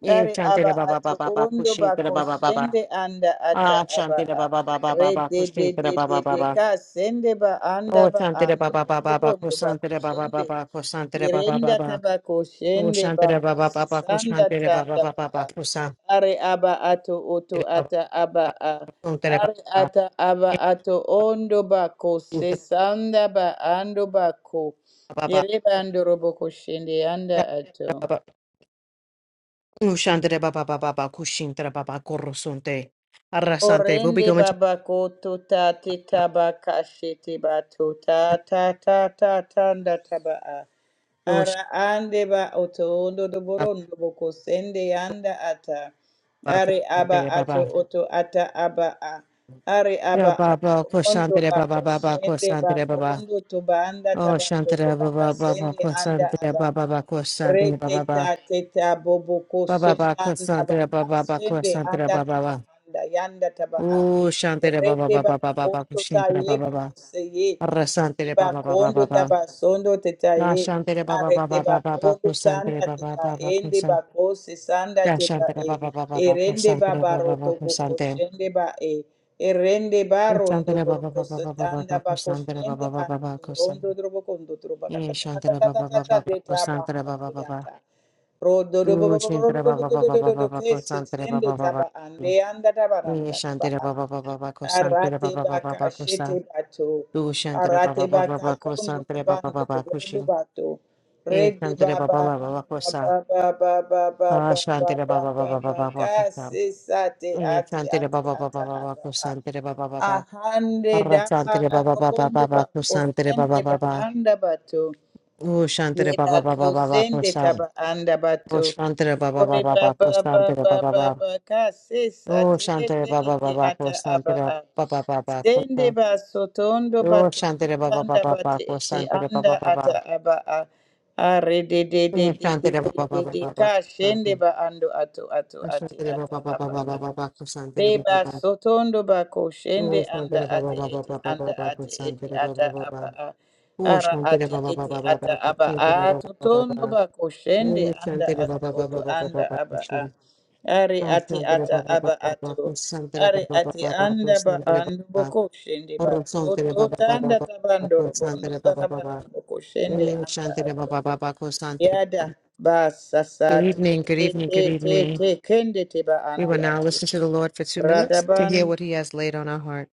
Speaker 1: Ye
Speaker 3: Ari
Speaker 1: shantere
Speaker 3: aba
Speaker 1: baba baba
Speaker 3: ato
Speaker 1: baba
Speaker 3: ondo
Speaker 1: kushi tera
Speaker 3: bako
Speaker 1: baba baba.
Speaker 3: shende anda ata
Speaker 1: Ah,
Speaker 3: aba
Speaker 1: Shanti da
Speaker 3: a.
Speaker 1: Baba, Baba, ba ba
Speaker 3: Re
Speaker 1: ba
Speaker 3: de de
Speaker 1: da
Speaker 3: de
Speaker 1: ba
Speaker 3: de
Speaker 1: ba
Speaker 3: de ka sende ba anda
Speaker 1: Oh,
Speaker 3: ba
Speaker 1: Shanti da
Speaker 3: ando
Speaker 1: Baba, Baba, ba ba ba,
Speaker 3: otobondo
Speaker 1: Krishna
Speaker 3: bako
Speaker 1: da Baba, ba
Speaker 3: shende.
Speaker 1: ba da ba ba
Speaker 3: Irenda tabako
Speaker 1: Oh,
Speaker 3: shende
Speaker 1: Shanti da
Speaker 3: bako
Speaker 1: Baba, ba ba ba, Krishna
Speaker 3: sisanda
Speaker 1: da Baba, Baba, Baba,
Speaker 3: tanda ba
Speaker 1: ba
Speaker 3: a. Are aba
Speaker 1: da
Speaker 3: ato
Speaker 1: ba ba da
Speaker 3: oto
Speaker 1: ba ba
Speaker 3: ata aba a. Are ata aba ato ondo bako sesanda ba ando bako. Yereba ando roboko shende anda ato.
Speaker 1: Oh, Shanti da Baba, ba Baba, ba ba, Krishna da ba ba, Arrasante. We'll be
Speaker 3: Orende
Speaker 1: going to
Speaker 3: babako tota te tabaka shete bato ta ta ta ta tanda taba'a.
Speaker 1: Oh, Shanti
Speaker 3: Ara ande ba oto ondo doborondo boko sende anda ata. Are aba
Speaker 1: da Baba, ba da ba
Speaker 3: ato oto ata aba a. Are
Speaker 1: Yeah,
Speaker 3: aba ato
Speaker 1: Baba, Krishna
Speaker 3: ondo
Speaker 1: da ba ba
Speaker 3: bako
Speaker 1: ba
Speaker 3: sende
Speaker 1: da ba
Speaker 3: bako ondo tobanda
Speaker 1: Oh,
Speaker 3: tabando
Speaker 1: Shantara
Speaker 3: tobaka
Speaker 1: Baba Baba
Speaker 3: sende anda
Speaker 1: Kosantara
Speaker 3: aba
Speaker 1: Baba
Speaker 3: a.
Speaker 1: Baba Kosantara Baba
Speaker 3: Reketa
Speaker 1: Baba
Speaker 3: teta bobo ko
Speaker 1: Baba Baba
Speaker 3: sosanda ba
Speaker 1: Kosantara Baba Baba
Speaker 3: kasende
Speaker 1: Kosantara
Speaker 3: anda
Speaker 1: Baba
Speaker 3: da ba
Speaker 1: Baba
Speaker 3: anda yanda taba'a.
Speaker 1: Oh, Shantara Baba
Speaker 3: Rete
Speaker 1: Baba
Speaker 3: baba
Speaker 1: Baba Baba
Speaker 3: koto ta
Speaker 1: Kushintara Baba
Speaker 3: yeba
Speaker 1: Baba
Speaker 3: kose ye.
Speaker 1: Arasantara Baba Baba
Speaker 3: Dibakondo
Speaker 1: Baba
Speaker 3: tabasondo
Speaker 1: Ah,
Speaker 3: tetaye
Speaker 1: Shantara Baba
Speaker 3: arete
Speaker 1: Baba Baba Baba
Speaker 3: bakondo tanda
Speaker 1: Kosantara Baba
Speaker 3: teba
Speaker 1: Baba
Speaker 3: ende
Speaker 1: Kosantara
Speaker 3: bako sesanda
Speaker 1: Da
Speaker 3: teba
Speaker 1: Shantara
Speaker 3: e
Speaker 1: Baba Baba Baba
Speaker 3: erende
Speaker 1: Kosantara Baba
Speaker 3: babaro
Speaker 1: Baba
Speaker 3: toboko
Speaker 1: Kosantara
Speaker 3: shende ba e erende barondo
Speaker 1: Shantara Baba
Speaker 3: boroko
Speaker 1: Baba Baba
Speaker 3: setanda
Speaker 1: Baba
Speaker 3: bako
Speaker 1: Kosantara
Speaker 3: shende
Speaker 1: Baba Baba
Speaker 3: bando
Speaker 1: Baba
Speaker 3: turondo torondo
Speaker 1: Kosantara
Speaker 3: drobokondo trobaka
Speaker 1: Eh, Shantara Baba Baba
Speaker 3: tatatatata
Speaker 1: Baba
Speaker 3: deta
Speaker 1: Kosantara Baba
Speaker 3: bahate
Speaker 1: Baba
Speaker 3: yata Rodo do bo
Speaker 1: Du
Speaker 3: bo bo bo ro do
Speaker 1: shantere ba
Speaker 3: do do
Speaker 1: ba ba
Speaker 3: do
Speaker 1: ba
Speaker 3: do
Speaker 1: ba
Speaker 3: do
Speaker 1: ba
Speaker 3: do
Speaker 1: ba
Speaker 3: ke
Speaker 1: ko
Speaker 3: se
Speaker 1: santere ba
Speaker 3: sende
Speaker 1: ba ba ba.
Speaker 3: taba ande anda taba
Speaker 1: Ni
Speaker 3: randa taba.
Speaker 1: shantere ba ba ba ba ba ko santere ba
Speaker 3: Arate
Speaker 1: ba ba ba
Speaker 3: baka
Speaker 1: ko sa.
Speaker 3: shete bato.
Speaker 1: Du shantere ba
Speaker 3: Arate
Speaker 1: ba ba ba
Speaker 3: baka
Speaker 1: ba ko
Speaker 3: kondo
Speaker 1: santere ba ba
Speaker 3: tabando
Speaker 1: ba ba ko
Speaker 3: tobondo
Speaker 1: shin.
Speaker 3: bato.
Speaker 1: Ni
Speaker 3: Rede ba
Speaker 1: shantere ba
Speaker 3: ba
Speaker 1: ba
Speaker 3: ba
Speaker 1: ba ba ko sa.
Speaker 3: ba ba ba ba ba ba
Speaker 1: Ah
Speaker 3: ba ba
Speaker 1: shantere ba
Speaker 3: ba
Speaker 1: ba ba
Speaker 3: ba
Speaker 1: ba ba ba
Speaker 3: ka
Speaker 1: ko sa.
Speaker 3: se sate
Speaker 1: Ni
Speaker 3: ate
Speaker 1: shantere ba
Speaker 3: ate
Speaker 1: ba ba ba
Speaker 3: ata
Speaker 1: ba ba
Speaker 3: aba
Speaker 1: ko
Speaker 3: a.
Speaker 1: santere ba ba ba ba.
Speaker 3: Ahande
Speaker 1: Arra
Speaker 3: daba
Speaker 1: santere ba ba ba ba ba
Speaker 3: robondo
Speaker 1: ba
Speaker 3: ba
Speaker 1: ko santere ba
Speaker 3: kosende
Speaker 1: ba ba
Speaker 3: ba
Speaker 1: ba.
Speaker 3: anda bato.
Speaker 1: U shantere ba ba
Speaker 3: Yeba
Speaker 1: ba ba ba ba ko
Speaker 3: kosende
Speaker 1: sa.
Speaker 3: taba anda
Speaker 1: U
Speaker 3: bato.
Speaker 1: shantere ba ba ba
Speaker 3: Ore
Speaker 1: ba
Speaker 3: ba
Speaker 1: ba
Speaker 3: ba
Speaker 1: ko
Speaker 3: ba
Speaker 1: santere
Speaker 3: ba
Speaker 1: ba ba
Speaker 3: ba
Speaker 1: ba.
Speaker 3: ba ka se
Speaker 1: Oh,
Speaker 3: sate
Speaker 1: Shantere
Speaker 3: ete
Speaker 1: Baba
Speaker 3: ete
Speaker 1: Baba
Speaker 3: ata aba
Speaker 1: Kosantere
Speaker 3: a.
Speaker 1: Baba Baba
Speaker 3: Sende
Speaker 1: Kosan.
Speaker 3: ba sotondo ba
Speaker 1: Oh,
Speaker 3: tondo
Speaker 1: Shantere Baba
Speaker 3: tanda
Speaker 1: Baba
Speaker 3: ba te
Speaker 1: Baba
Speaker 3: ete
Speaker 1: Kosantere
Speaker 3: anda
Speaker 1: Baba
Speaker 3: ata
Speaker 1: Baba.
Speaker 3: aba a are de de de
Speaker 1: Oh,
Speaker 3: de de
Speaker 1: Shantere
Speaker 3: de
Speaker 1: Baba
Speaker 3: de
Speaker 1: Baba
Speaker 3: de ka shende ba ando ato ato ate ata aba a.
Speaker 1: Baba Kosantere.
Speaker 3: Reba sotondo ba koshende
Speaker 1: Oh,
Speaker 3: anda
Speaker 1: Shantere Baba
Speaker 3: ate
Speaker 1: Baba
Speaker 3: ete
Speaker 1: Baba
Speaker 3: anda
Speaker 1: Baba
Speaker 3: ate ete
Speaker 1: Kosantere
Speaker 3: ata
Speaker 1: Baba
Speaker 3: aba
Speaker 1: Baba.
Speaker 3: a
Speaker 1: Oh,
Speaker 3: ara
Speaker 1: Shantere
Speaker 3: ate
Speaker 1: Baba
Speaker 3: ete
Speaker 1: Baba
Speaker 3: ata
Speaker 1: Baba Baba
Speaker 3: aba a
Speaker 1: Kosantere Baba
Speaker 3: totondo
Speaker 1: Baba.
Speaker 3: ba koshende
Speaker 1: Oh,
Speaker 3: anda
Speaker 1: Shantere
Speaker 3: ate
Speaker 1: Baba
Speaker 3: oto
Speaker 1: Baba Baba Kosantere Baba Baba. Oh, Shantere Baba Baba Baba Baba Kosantere Baba Baba. Oh, Shantere Baba Baba
Speaker 3: anda
Speaker 1: Baba
Speaker 3: aba a ari ate ata aba ato ari ate anda ba
Speaker 1: Kosantere Baba
Speaker 3: andu bo
Speaker 1: Baba.
Speaker 3: koshende ba
Speaker 1: Orosontere
Speaker 3: toto
Speaker 1: baba baba
Speaker 3: tanda
Speaker 1: baba
Speaker 3: tabando robondo
Speaker 1: kosantere baba
Speaker 3: tarabando
Speaker 1: baba.
Speaker 3: bo koshende
Speaker 1: Eh,
Speaker 3: anda
Speaker 1: shantere
Speaker 3: ato
Speaker 1: baba baba kosantere.
Speaker 3: yada ba sasa
Speaker 1: Good
Speaker 3: te
Speaker 1: evening, good
Speaker 3: te
Speaker 1: evening,
Speaker 3: te
Speaker 1: good
Speaker 3: te
Speaker 1: evening.
Speaker 3: te kende te ba
Speaker 1: We will
Speaker 3: ande
Speaker 1: now
Speaker 3: ate
Speaker 1: listen to the Lord for two minutes to hear
Speaker 3: Radaban
Speaker 1: what He has laid on our heart.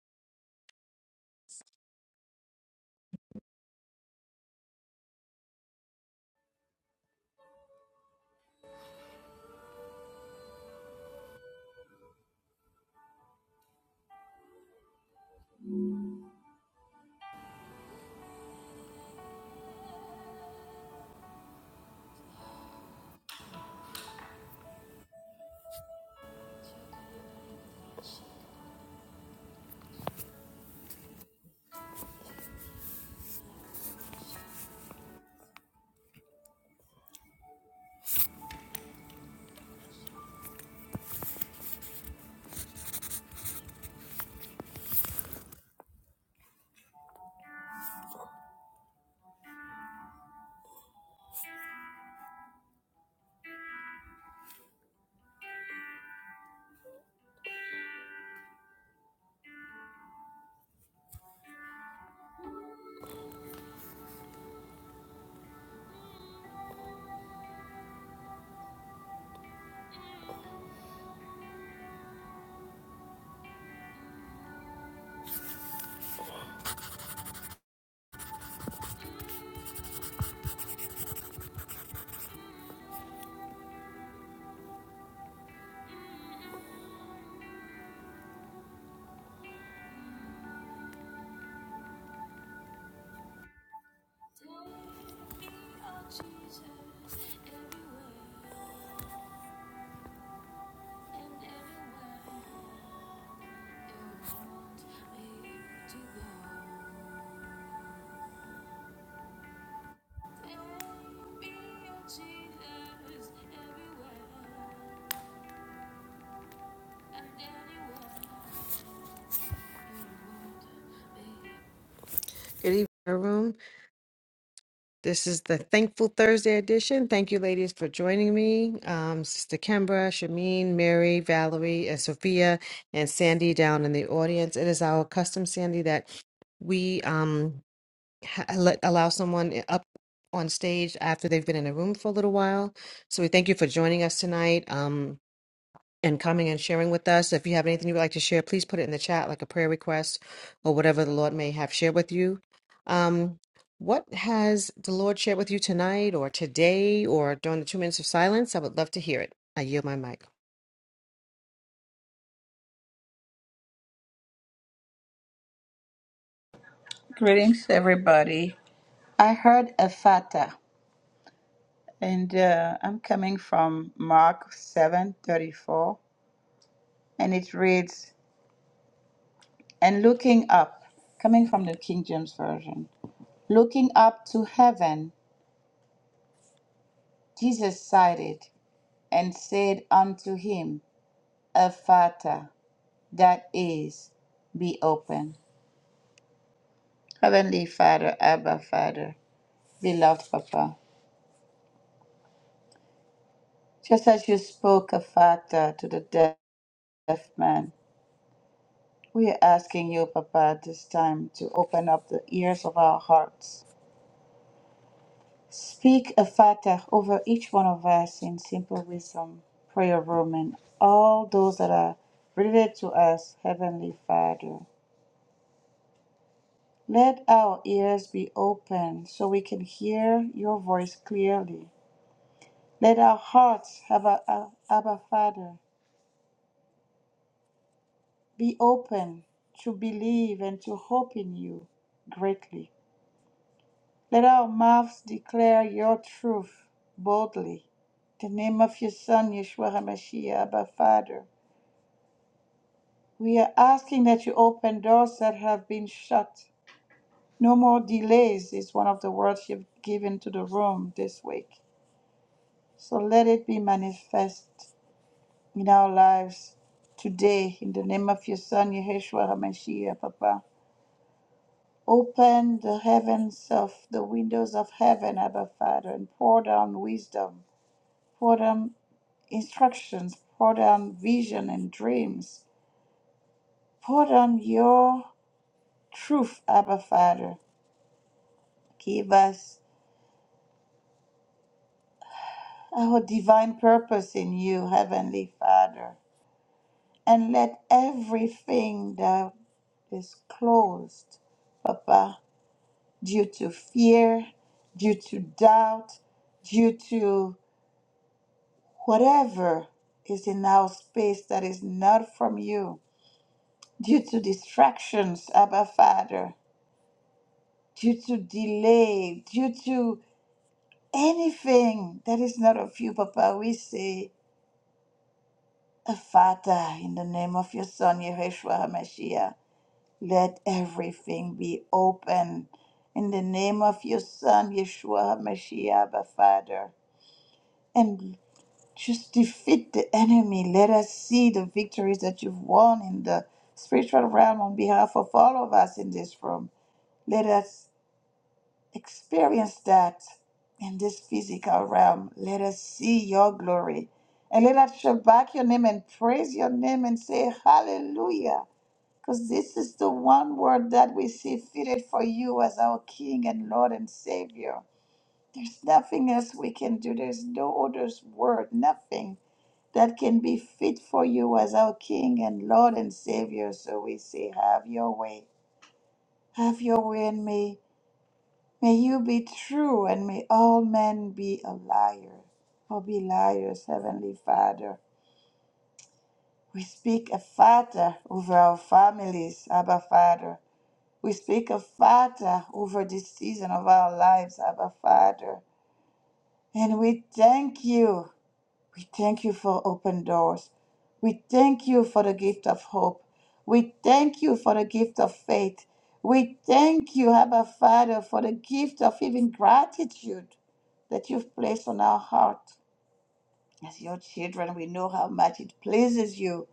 Speaker 1: Good evening, prayer room. This is the Thankful Thursday edition. Thank you, ladies, for joining me. Um, Sister Kimbra, Shameen, Mary, Valerie, and Sophia, and Sandy down in the audience. It is our custom, Sandy, that we um ha- uh, let allow someone i- up on stage after they've been in a room for a little while. So we thank you for joining us tonight um, and coming and sharing with us. If you have anything you would like to share, please put it in the chat, like a prayer request or whatever the Lord may have shared with you. Um, what has the Lord shared with you tonight or today or during the two minutes of silence? I would love to hear it. I yield my mic.
Speaker 3: Greetings, everybody. I heard a fata, and uh, I'm coming from Mark 7:34, and it reads, "And looking up, coming from the King James version, looking up to heaven, Jesus sighted and said unto him, Ephata, that is, be open." Heavenly Father, Abba Father, beloved Papa, just as you spoke, Ephata, to the dead. left man. We are asking you, Papa, this time to open up the ears of our hearts. Speak a fatah over each one of us in simple wisdom, prayer room, and all those that are related to us, Heavenly Father. Let our ears be open so we can hear your voice clearly. Let our hearts, Abba, Abba Father, be open to believe and to hope in you greatly. Let our mouths declare your truth boldly. In the name of your Son, Yeshua HaMashiach, Abba Father, we are asking that you open doors that have been shut. No more delays is one of the words you've given to the room this week. So let it be manifest in our lives today. In the name of your Son, Yeshua HaMashiach, Papa. Open the heavens of the windows of heaven, Abba Father, and pour down wisdom Pour down instructions, pour down vision and dreams. Pour down your truth, Abba Father. Give us our divine purpose in you, Heavenly Father. And let everything that is closed, Papa, due to fear, due to doubt, due to whatever is in our space that is not from you, due to distractions, Abba Father. due to delay, due to anything that is not of you, Papa, we say, "Uh, Father, in the name of your Son, Yeshua HaMashiach, let everything be open. In the name of your Son, Yeshua HaMashiach, Abba Father. And just defeat the enemy. Let us see the victories that you've won in the spiritual realm on behalf of all of us in this room. Let us experience that in this physical realm. Let us see your glory. And let us shabak your name and praise your name and say hallelujah. Because this is the one word that we see fitted for you as our King and Lord and Savior. There's nothing else we can do. There's no other word, nothing that can be fit for you as our King and Lord and Savior. So we say, have your way. Have your way in me. May you be true and may all men be a liar or be liars, Heavenly Father. We speak a Father over our families, Abba Father. We speak a Father over this season of our lives, Abba Father. And we thank you. We thank you for open doors. We thank you for the gift of hope. We thank you for the gift of faith. We thank you, Abba Father, for the gift of even gratitude that you've placed on our heart. As your children, we know how much it pleases you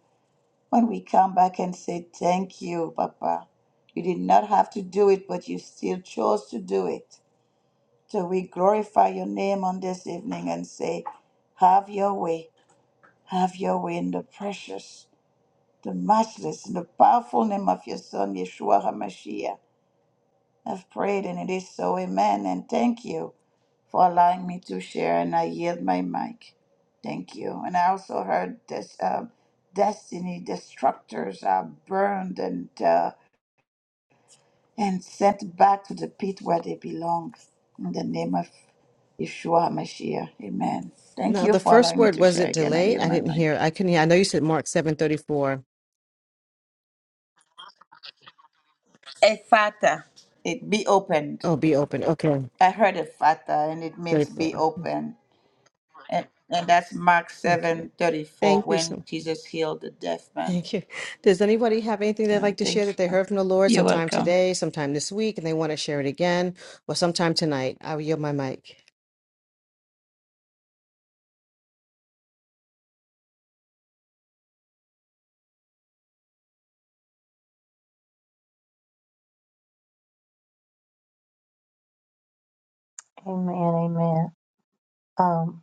Speaker 3: when we come back and say, Thank you, Papa. You did not have to do it, but you still chose to do it. So we glorify your name on this evening and say, Have your way. Have your way in the precious, the matchless, and the powerful name of your Son, Yeshua HaMashiach. I've prayed and it is so. Amen. And thank you for allowing me to share. And I yield my mic. Thank you. And I also heard this um destiny destructors are burned and uh, and sent back to the pit where they belong. In the name of Yeshua HaMashiach. Amen. Thank
Speaker 1: Now,
Speaker 3: you
Speaker 1: the
Speaker 3: for
Speaker 1: first
Speaker 3: allowing me
Speaker 1: word
Speaker 3: to
Speaker 1: was
Speaker 3: share
Speaker 1: it
Speaker 3: again. I
Speaker 1: delay?
Speaker 3: yield
Speaker 1: I
Speaker 3: my
Speaker 1: didn't
Speaker 3: mic.
Speaker 1: hear. I couldn't hear. I know you said Mark 7:34.
Speaker 3: Ephata, it be opened.
Speaker 1: Oh, be open. Okay.
Speaker 3: I heard Ephata, and it means be
Speaker 1: 34.
Speaker 3: open. And, and that's Mark
Speaker 1: Okay.
Speaker 3: seven thirty four
Speaker 1: Thank you so
Speaker 3: when
Speaker 1: much.
Speaker 3: Jesus healed the deaf man.
Speaker 1: Thank you. Does anybody have anything they'd
Speaker 3: Yeah,
Speaker 1: like to share
Speaker 3: thank
Speaker 1: that they
Speaker 3: you.
Speaker 1: heard from the Lord
Speaker 3: You're
Speaker 1: sometime
Speaker 3: welcome.
Speaker 1: today, sometime this week, and they want to share it again, or sometime tonight? I will yield my mic.
Speaker 4: Amen, amen. Um,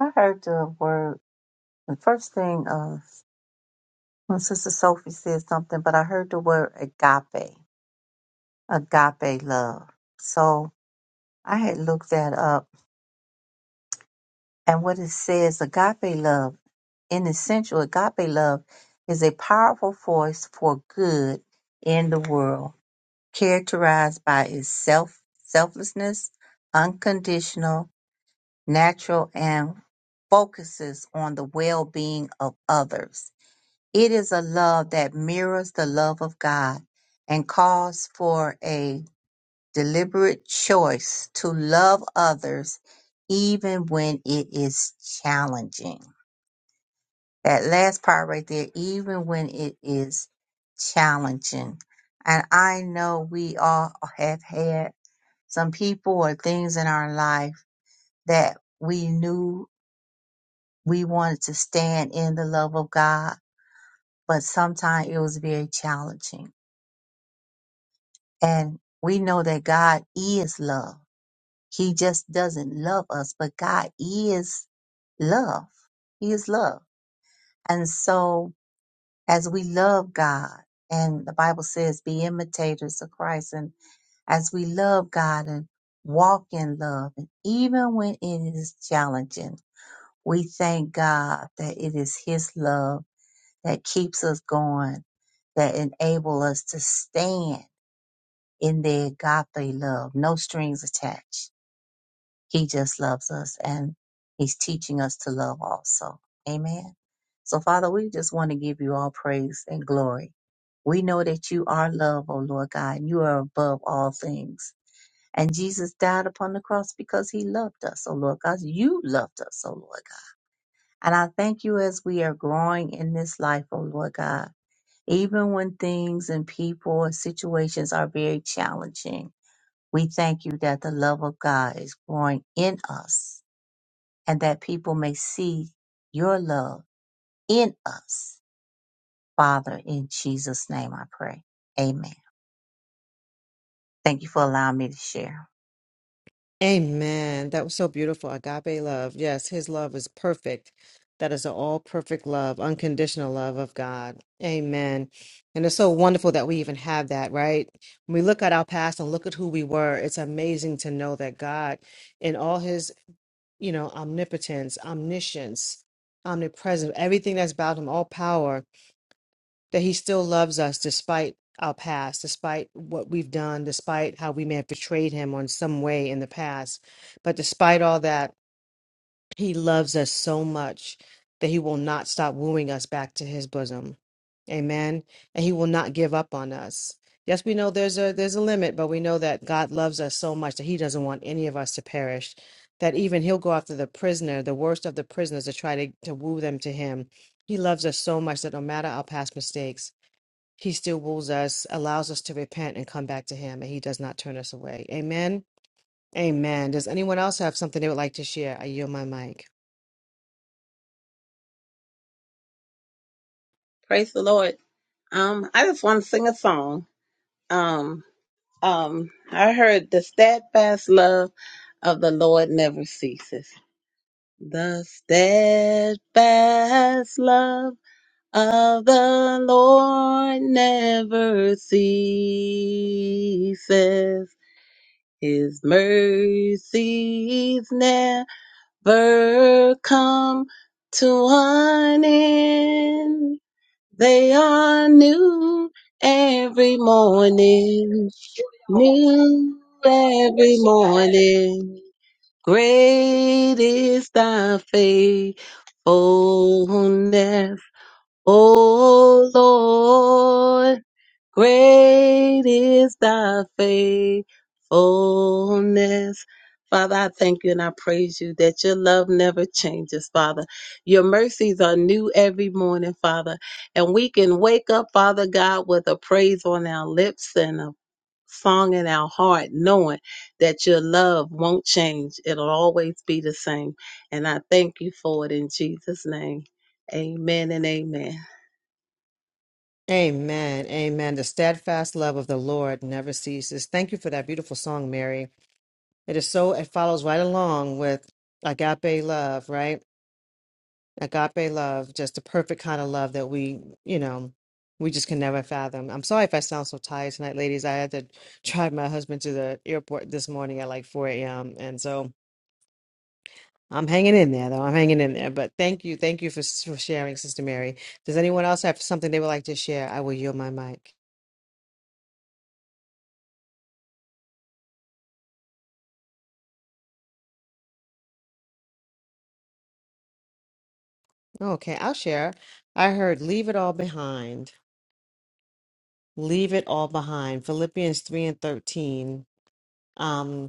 Speaker 4: I heard the word, the first thing, uh, when Sister Sophie said something, but I heard the word agape, agape love. So I had looked that up, and what it says, agape love, in essential, agape love is a powerful force for good in the world, characterized by its self, selflessness, unconditional, natural and focuses on the well being of others. It is a love that mirrors the love of God and calls for a deliberate choice to love others even when it is challenging. That last part right there, even when it is challenging. And I know we all have had some people or things in our life that we knew we wanted to stand in the love of God, but sometimes it was very challenging. And we know that God is love. He just doesn't love us, but God is love. He is love. And so as we love God, and the Bible says, be imitators of Christ. And as we love God and walk in love, and even when it is challenging, we thank God that it is His love that keeps us going, that enable us to stand in the agape love, no strings attached. He just loves us and he's teaching us to love also. Amen. So Father, we just want to give you all praise and glory. We know that you are love, O Lord God, and you are above all things. And Jesus died upon the cross because he loved us, O Lord God. You loved us, O Lord God. And I thank you as we are growing in this life, O Lord God even when things and people and situations are very challenging, we thank you that the love of God is growing in us and that people may see your love in us. Father, in Jesus' name I pray. Amen. Thank you for allowing me to share.
Speaker 1: Amen. That was so beautiful. Agape love. Yes, his love is perfect. That is an all perfect love, unconditional love of God. Amen. And it's so wonderful that we even have that, right? When we look at our past and look at who we were, it's amazing to know that God, in all his you know, omnipotence, omniscience, omnipresence, everything that's about him, all power, that he still loves us despite our past, despite what we've done, despite how we may have betrayed him on some way in the past. But despite all that, he loves us so much that he will not stop wooing us back to his bosom. Amen. And he will not give up on us. Yes, we know there's a there's a limit, but we know that God loves us so much that he doesn't want any of us to perish. That even he'll go after the prisoner, the worst of the prisoners, to try to, to woo them to him. He loves us so much that no matter our past mistakes, he still woos us, allows us to repent and come back to him, and he does not turn us away. Amen. Amen. Does anyone else have something they would like to share? I yield my mic.
Speaker 5: Praise the Lord. Um, I just want to sing a song. Um, um, I heard the steadfast love of the Lord never ceases. The steadfast love of the Lord never ceases. His mercies never come to an end. They are new every morning, new every morning. Great is thy faithfulness, O Lord. Great is thy faithfulness. Father, I thank you and I praise you that your love never changes, Father. Your mercies are new every morning, Father. And we can wake up, Father God, with a praise on our lips and a song in our heart, knowing that your love won't change. It'll always be the same. And I thank you for it in Jesus' name. Amen and amen.
Speaker 1: Amen. Amen. The steadfast love of the Lord never ceases. Thank you for that beautiful song, Mary. It is so, it follows right along with agape love, right? Agape love, just the perfect kind of love that we, you know, we just can never fathom. I'm sorry if I sound so tired tonight, ladies. I had to drive my husband to the airport this morning at like 4 a.m. And so I'm hanging in there, though. I'm hanging in there. But thank you. Thank you for, for sharing, Sister Mary. Does anyone else have something they would like to share? I will yield my mic. Okay, I'll share. I heard leave it all behind. Leave it all behind. Philippians 3 and 13. Um,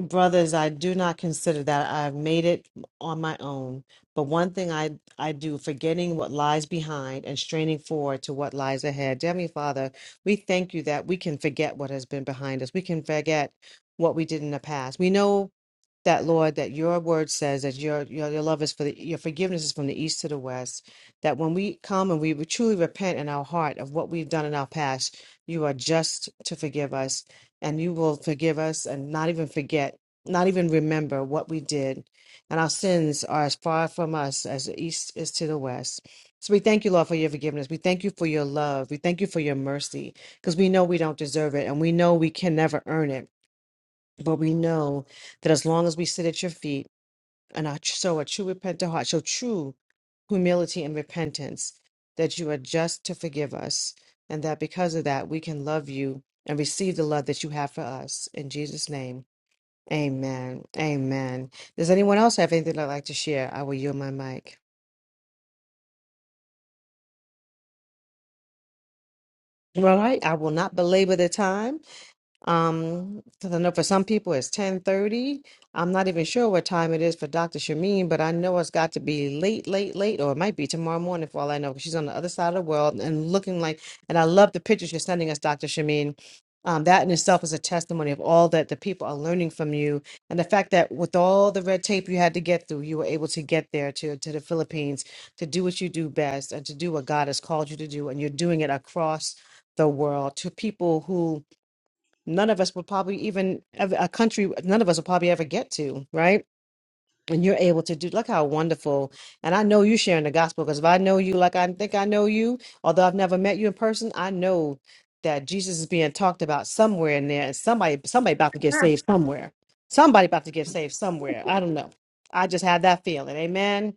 Speaker 1: Brothers, I do not consider that. I've made it on my own. But one thing I, I do, forgetting what lies behind and straining forward to what lies ahead. Dear Heavenly Father, we thank you that we can forget what has been behind us. We can forget what we did in the past. We know that, Lord, that your word says that your, your, your love is for the, your forgiveness is from the east to the west. That when we come and we truly repent in our heart of what we've done in our past, you are just to forgive us and you will forgive us and not even forget, not even remember what we did. And our sins are as far from us as the east is to the west. So we thank you, Lord, for your forgiveness. We thank you for your love. We thank you for your mercy because we know we don't deserve it and we know we can never earn it. But we know that as long as we sit at your feet, and a, so a true repentant heart, so true humility and repentance, that you are just to forgive us, and that because of that we can love you and receive the love that you have for us. In Jesus' name, amen. Amen. Does anyone else have anything they'd like to share? I will yield my mic. All right, I will not belabor the time. Um, 'cause I know for some people it's ten thirty. I'm not even sure what time it is for Dr. Shamin, but I know it's got to be late, late, late, or it might be tomorrow morning for all I know, 'cause she's on the other side of the world and looking like. And I love the pictures you're sending us, Dr. Shamin. Um, that in itself is a testimony of all that the people are learning from you, and the fact that with all the red tape you had to get through, you were able to get there to to the Philippines to do what you do best and to do what God has called you to do, and you're doing it across the world to people who none of us will probably even ev- a country none of us will probably ever get to right and you're able to do look how wonderful and i know you sharing the gospel because if i know you like i think i know you although i've never met you in person i know that jesus is being talked about somewhere in there and somebody somebody about to get saved somewhere somebody about to get saved somewhere i don't know i just have that feeling amen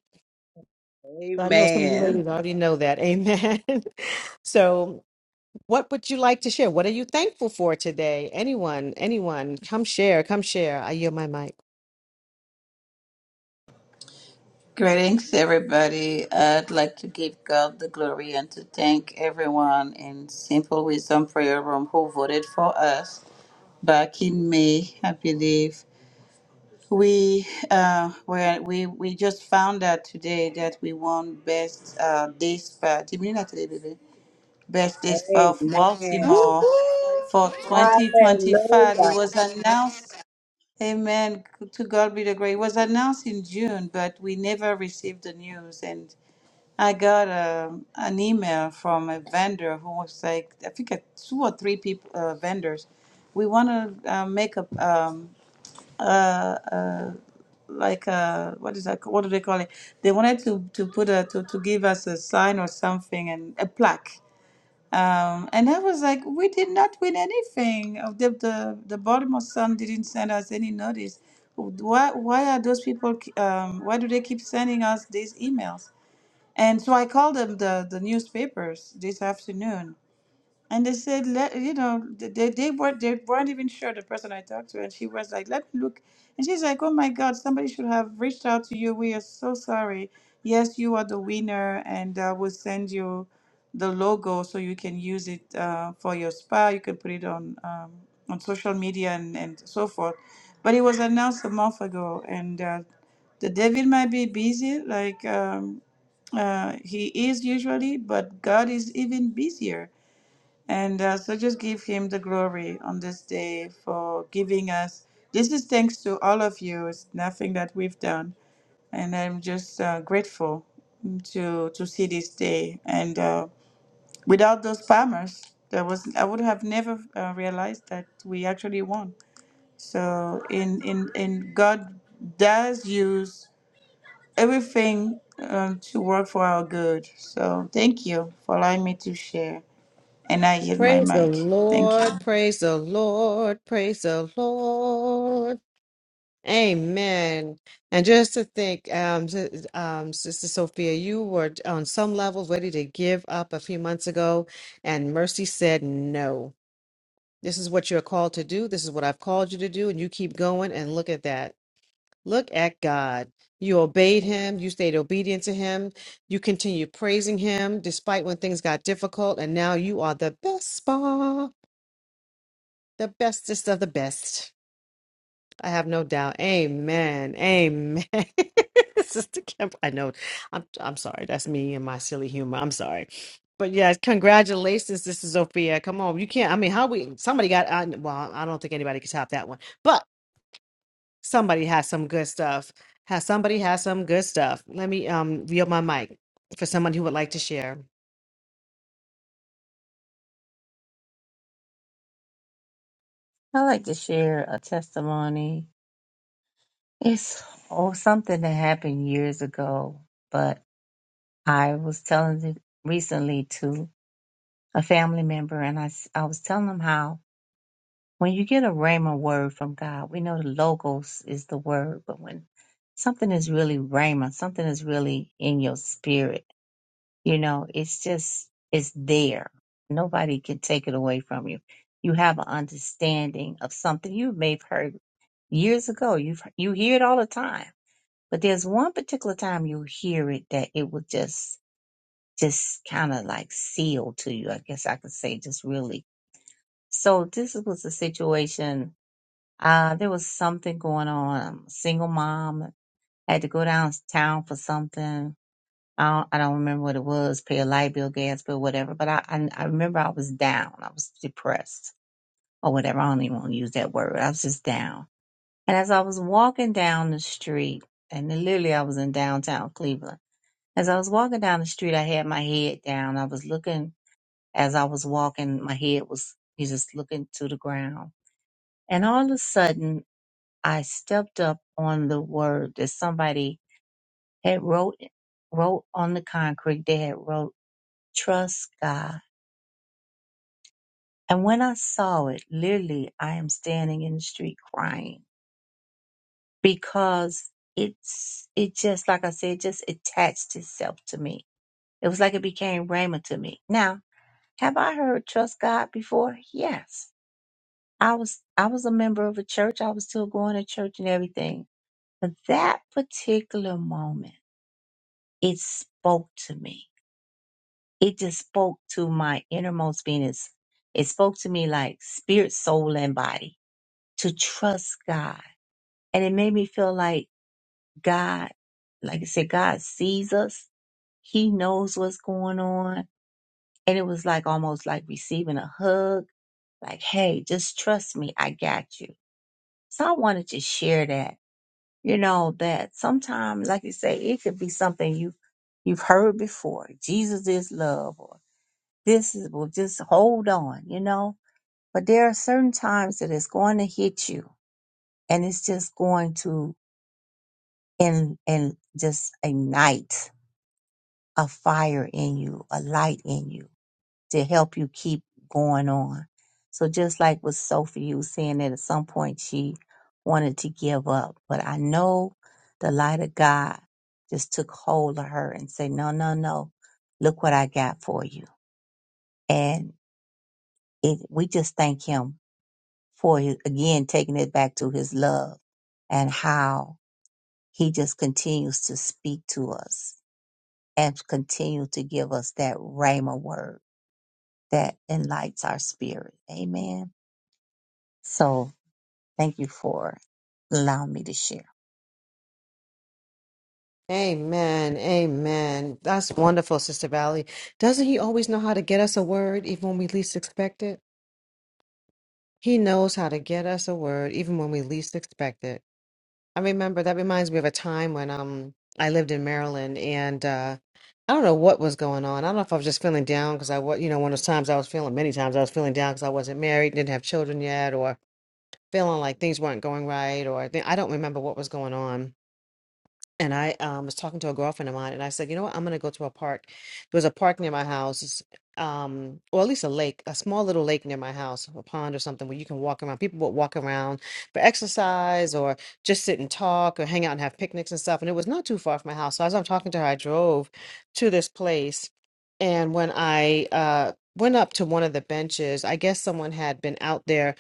Speaker 1: i know some of you
Speaker 5: Amen.
Speaker 1: ladies already know that amen [LAUGHS] so what would you like to share? What are you thankful for today? Anyone, anyone, come share, come share. I yield my mic.
Speaker 3: Greetings, everybody. I'd like to give God the glory and to thank everyone in Simple Wisdom Prayer Room who voted for us back in May, I believe. We uh we we we just found out today that we won best uh day spa. Timina today, baby. Best day spa of
Speaker 5: Amen.
Speaker 3: Baltimore for
Speaker 2: Woo-hoo!
Speaker 3: 2025.
Speaker 5: Hallelujah.
Speaker 3: It was announced. Amen. To God be the glory. It was announced in June, but we never received the news. And I got um an email from a vendor who was like, I think, uh, two or three people uh, vendors. We want to uh, make a um, uh, like uh what is that what do they call it they wanted to to put a to, to give us a sign or something and a plaque um and i was like we did not win anything of the the, the baltimore sun didn't send us any notice why why are those people k- um why do they keep sending us these emails and so i called them the the newspapers this afternoon and they said, let, you know, th- they, they, were, they weren't even sure, the person I talked to. And she was like, let me look. And she's like, oh my God, somebody should have reached out to you. We are so sorry. Yes, you are the winner, and uh, we'll send you the logo so you can use it uh, for your spa. You can put it on um, on social media and, and so forth. But it was announced a month ago, and uh, the David might be busy, like um, uh, he is usually, but God is even busier and uh, so just give him the glory on this day for giving us. This is thanks to all of you. It's nothing that we've done. And I'm just uh, grateful to to see this day. And uh, without those farmers, there was I would have never uh, realized that we actually won. So in in in God does use everything um, to work for our good. So thank you for allowing me to share. And I yield my
Speaker 1: Praise the
Speaker 3: mic. Thank you.
Speaker 1: Lord, praise the Lord, praise the Lord. Amen. And just to think, um, s- um, Sister Sophia, you were on some levels ready to give up a few months ago, and mercy said no. This is what you're called to do. This is what I've called you to do, and you keep going. And look at that. Look at God. You obeyed him. You stayed obedient to him. You continued praising him despite when things got difficult. And now you are the best spa, the bestest of the best. I have no doubt. Amen. Amen. [LAUGHS] Sister Kim, I know. I'm, I'm sorry. That's me and my silly humor. I'm sorry. But yes, congratulations, Sister Sophia. Come on. You can't. I mean, how we, somebody got, I, well, I don't think anybody could top that one. But. Somebody has some good stuff. Has somebody has some good stuff? Let me um yield my mic for someone who would like to share.
Speaker 4: I'd like to share a testimony. It's oh, something that happened years ago, but I was telling it recently to a family member and I, s- I was telling them how when you get a rhema word from God, we know the logos is the word, but when something is really rhema, something is really in your spirit, you know, it's just, it's there. Nobody can take it away from you. You have an understanding of something you may have heard years ago. You've, you hear it all the time, but there's one particular time you hear it that it will just, just kind of like seal to you. I guess I could say just really. So this was a situation uh, there was something going on. Single mom had to go downtown for something. I don't, I don't remember what it was, pay a light bill, gas bill, whatever. But I, I, I remember I was down. I was depressed or whatever. I don't even want to use that word. I was just down. And as I was walking down the street, and then literally I was in downtown Cleveland. As I was walking down the street, I had my head down. I was looking as I was walking. My head was, you just looking to the ground. And all of a sudden, I stepped up on the word that somebody had wrote wrote on the concrete. They had wrote, "Trust God." And when I saw it, literally, I am standing in the street crying because it's it just like I said, just attached itself to me. It was like it became Rhema to me. Now, have I heard trust God before? Yes. I was I was a member of a church. I was still going to church and everything. But that particular moment it spoke to me. It just spoke to my innermost being. It's- It spoke to me like spirit, soul, and body to trust God. And it made me feel like God, like I said, God sees us. He knows what's going on. And it was like almost like receiving a hug, like, hey, just trust me. I got you. So I wanted to share that, you know, that sometimes, like you say, it could be something you, you've heard before. Jesus is love or This is well, just hold on, you know. But there are certain times that it's going to hit you and it's just going to and and just ignite a fire in you, a light in you to help you keep going on. So just like with Sophie, you was saying that at some point she wanted to give up. But I know the light of God just took hold of her and said, No, no, no. Look what I got for you. And it, we just thank him for his, again taking it back to his love and how he just continues to speak to us and continue to give us that rhema word that enlightens our spirit. Amen. So thank you for allowing me to share.
Speaker 1: Amen. Amen. That's wonderful, Sister Valley. Doesn't he always know how to get us a word even when we least expect it? He knows how to get us a word even when we least expect it. I remember that reminds me of a time when um I lived in Maryland and uh I don't know what was going on. I don't know if I was just feeling down because I was, you know, one of those times I was feeling, many times I was feeling down because I wasn't married, didn't have children yet, or feeling like things weren't going right or I I don't remember what was going on. And I um, was talking to a girlfriend of mine and I said, you know what, I'm going to go to a park. There was a park near my house, it's, um, or at least a lake, a small little lake near my house, a pond or something where you can walk around. People would walk around for exercise or just sit and talk or hang out and have picnics and stuff. And it was not too far from my house. So as I'm talking to her, I drove to this place. And when I uh, went up to one of the benches, I guess someone had been out there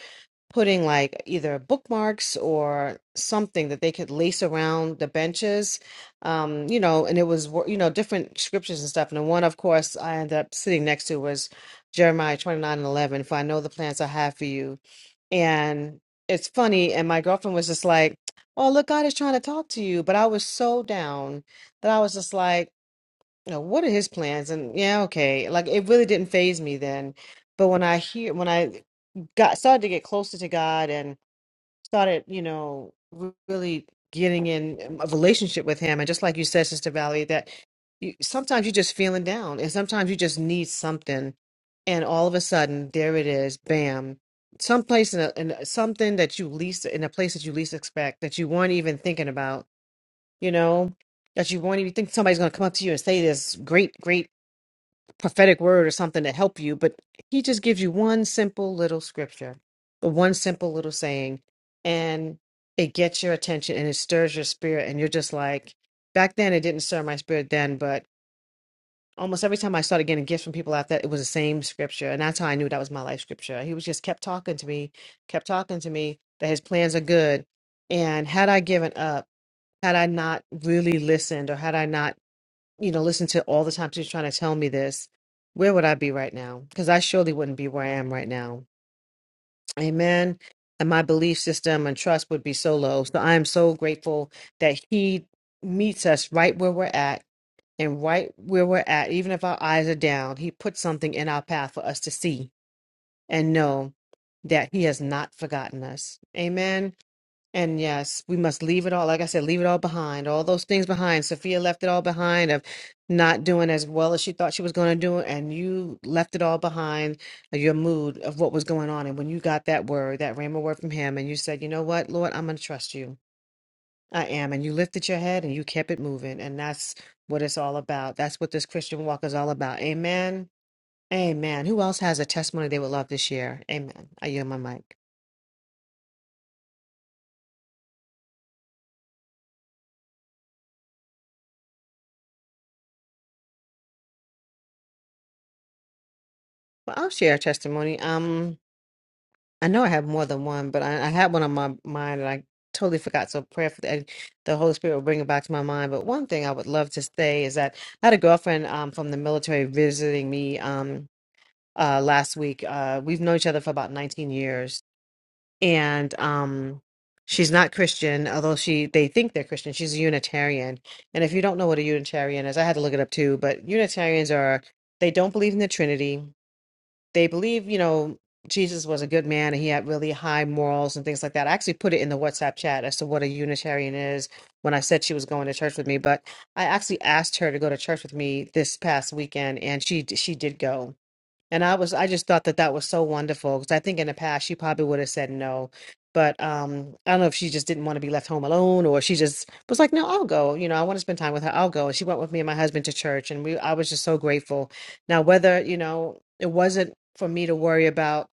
Speaker 1: putting like either bookmarks or something that they could lace around the benches um you know and it was wo- you know different scriptures and stuff and the one of course i ended up sitting next to was jeremiah 29 and 11 for i know the plans i have for you and it's funny and my girlfriend was just like oh look god is trying to talk to you but i was so down that i was just like know, what are his plans? And yeah, okay. Like it really didn't phase me then. But when I hear when I got started to get closer to God and started, you know, re- really getting in a relationship with him and just like you said, Sister Valerie, that you, sometimes you're just feeling down and sometimes you just need something and all of a sudden there it is, bam. Someplace in, a, in a- something that you least in a place that you least expect that you weren't even thinking about, you know, that you won't even think somebody's going to come up to you and say this great, great prophetic word or something to help you, but he just gives you one simple little scripture, the one simple little saying, and it gets your attention and it stirs your spirit. And you're just like, back then it didn't stir my spirit then, but almost every time I started getting gifts from people after that, it was the same scripture. And that's how I knew that was my life scripture. He was just kept talking to me, kept talking to me that his plans are good. And had I given up, had I not really listened or had I not you know, listen to all the time she's trying to tell me this, where would I be right now? Because I surely wouldn't be where I am right now. Amen. And my belief system and trust would be so low. So I am so grateful that He meets us right where we're at and right where we're at. Even if our eyes are down, He puts something in our path for us to see and know that He has not forgotten us. Amen. And yes, we must leave it all, like I said, leave it all behind, all those things behind. Sophia left it all behind of not doing as well as she thought she was going to do, and you left it all behind, your mood of what was going on. And when you got that word, that rhema word from him, and you said, you know what, Lord, I'm going to trust you. I am. And you lifted your head and you kept it moving. And that's what it's all about. That's what this Christian walk is all about. Amen. Amen. Who else has a testimony they would love to share? Amen. I yield my mic. Well, I'll share a testimony. Um. I know I have more than one, but I, I had one on my mind and I totally forgot. So prayerfully, I- the Holy Spirit will bring it back to my mind. But one thing I would love to say is that I had a girlfriend um, from the military visiting me um, uh, last week. Uh, we've known each other for about 19 years, and um, she's not Christian, although she they think they're Christian. She's a Unitarian, and if you don't know what a Unitarian is, I had to look it up too. But Unitarians are they don't believe in the Trinity they believe, you know, Jesus was a good man and he had really high morals and things like that. I actually put it in the WhatsApp chat as to what a Unitarian is when I said she was going to church with me, but I actually asked her to go to church with me this past weekend and she she did go. And I was, I just thought that that was so wonderful because I think in the past she probably would have said no. But um, I don't know if she just didn't want to be left home alone or she just was like, no, I'll go. You know, I want to spend time with her. I'll go. And she went with me and my husband to church. And we, I was just so grateful. Now, whether, you know, it wasn't for me to worry about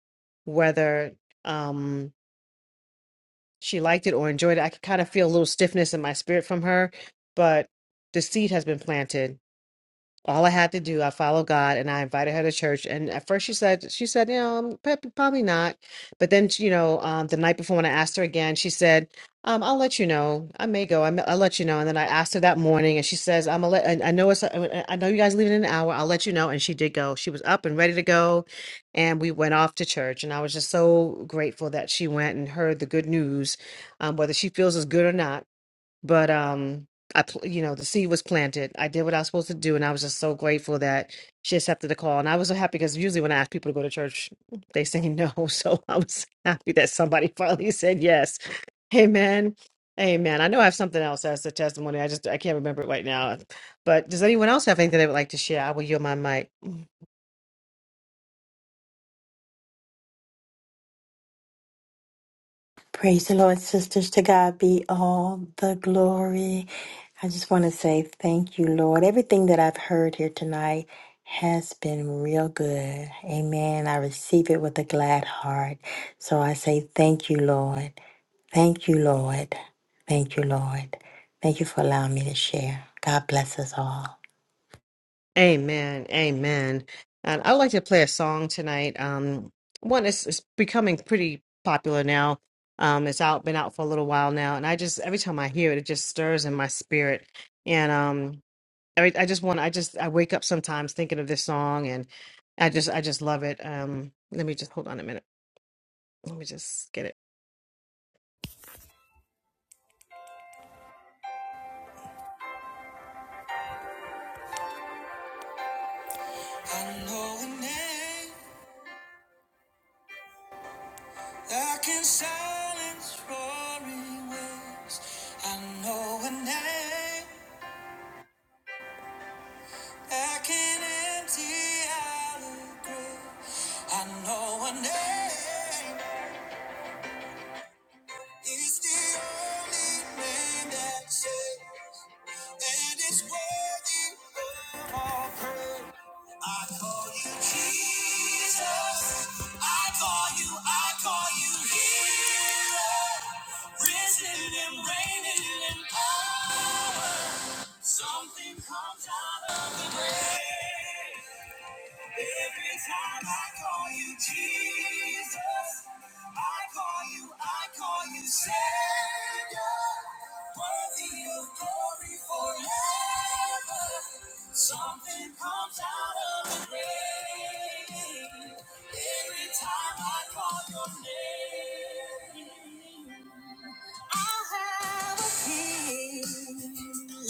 Speaker 1: whether um, she liked it or enjoyed it. I could kind of feel a little stiffness in my spirit from her, but the seed has been planted all I had to do, I followed God and I invited her to church. And at first she said, she said, you know, um, prob- probably not. But then, you know, um, the night before when I asked her again, she said, um, I'll let you know. I may go. I'm, I'll let you know. And then I asked her that morning and she says, I'm gonna let, I I know it's, I I know you guys leave in an hour. I'll let you know. And she did go. She was up and ready to go. And we went off to church. And I was just so grateful that she went and heard the good news, um, whether she feels it's good or not but um i pl- you know the seed was planted i did what i was supposed to do and i was just so grateful that she accepted the call and i was so happy because usually when i ask people to go to church they say no [LAUGHS] so i was happy that somebody [LAUGHS] finally said yes amen amen i know i have something else as a testimony i just i can't remember it right now but does anyone else have anything they would like to share i will yield my mic
Speaker 2: Praise the Lord, sisters. To God be all the glory. I just want to say thank you, Lord. Everything that I've heard here tonight has been real good. Amen. I receive it with a glad heart. So I say thank you, Lord. Thank you, Lord. Thank you, Lord. Thank you for allowing me to share. God bless us all.
Speaker 1: Amen. Amen. And I'd like to play a song tonight. Um, one is it's becoming pretty popular now. Um, it's out, been out for a little while now, and I just every time I hear it, it just stirs in my spirit. And um, I, I just want, I just, I wake up sometimes thinking of this song, and I just, I just love it. Um, let me just hold on a minute. Let me just get it. I know a name that can silence roaring waves. I know a name. I can empty out a grave. I know a name It's the only name that saves, and it's worthy of all praise. I call you Jesus. I call you. I call you healer, risen and reigning in power. Something comes out of the grave. Every time I call you Jesus, I call you, I call you Savior. Worthy of glory forever. Something comes out of the grave. Every time I call your name. I have a king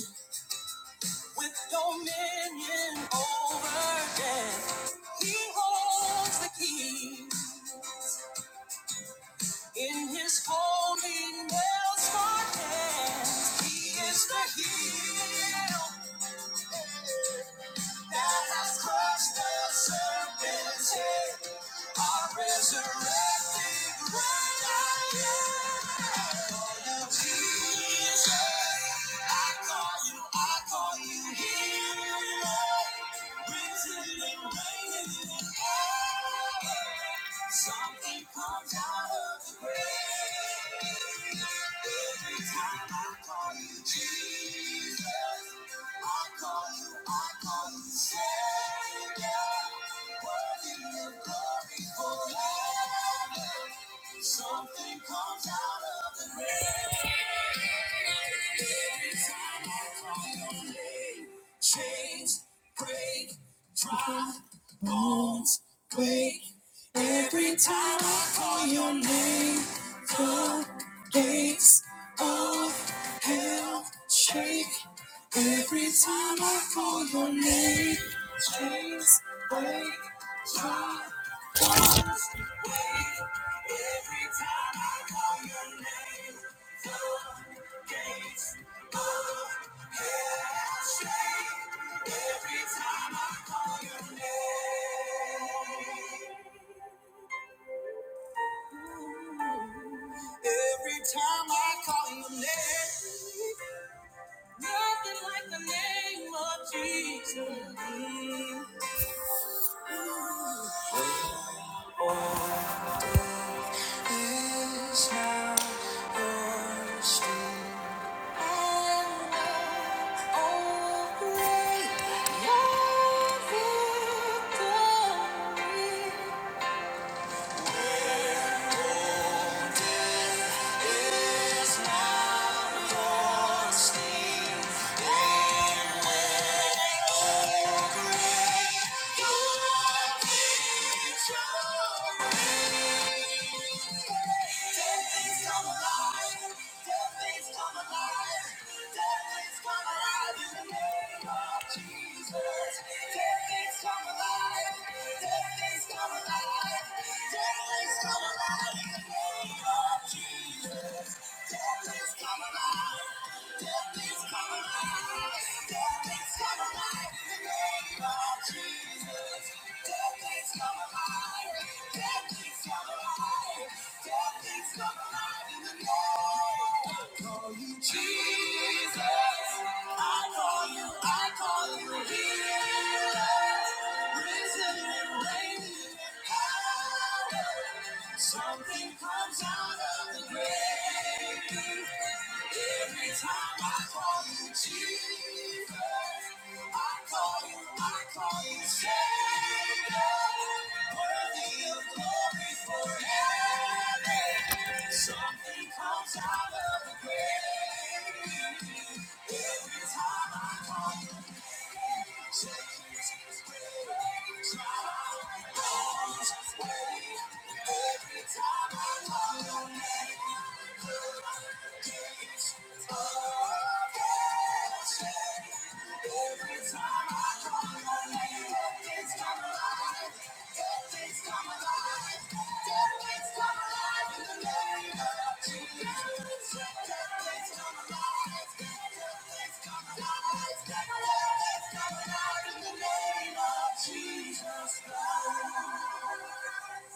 Speaker 1: with dominion over death. He holds the key in his holy nail scarred hands. He is the heel. That has crushed the serpent's head. Our resurrected great I am. I call you Jesus. I call you, I call you healer. Risen and reigning in power. Something comes out of the grave. Every time I call you Jesus. Every time I call your name, chains break, dry bones break. Every time I call your name, the gates. of Shake every time I call your name. Chains break, my falls away. Every time I call your name, the gates of hell shake. Every time I call your name, every time I call your name. Nothing like the name of Jesus. Is how your strength Oh, glory, your victory. Jesus. Dead things come alive. Dead things come alive. Death Jesus, I call you, I call you healer, risen and reigning in power. Something comes out of the grave. Every time I call you Jesus, I call you, I call you Savior. Worthy of glory forever. Something comes out of the grave. Every time I call you Jesus, Jesus, Jesus, Jesus, Jesus, Jesus Christ.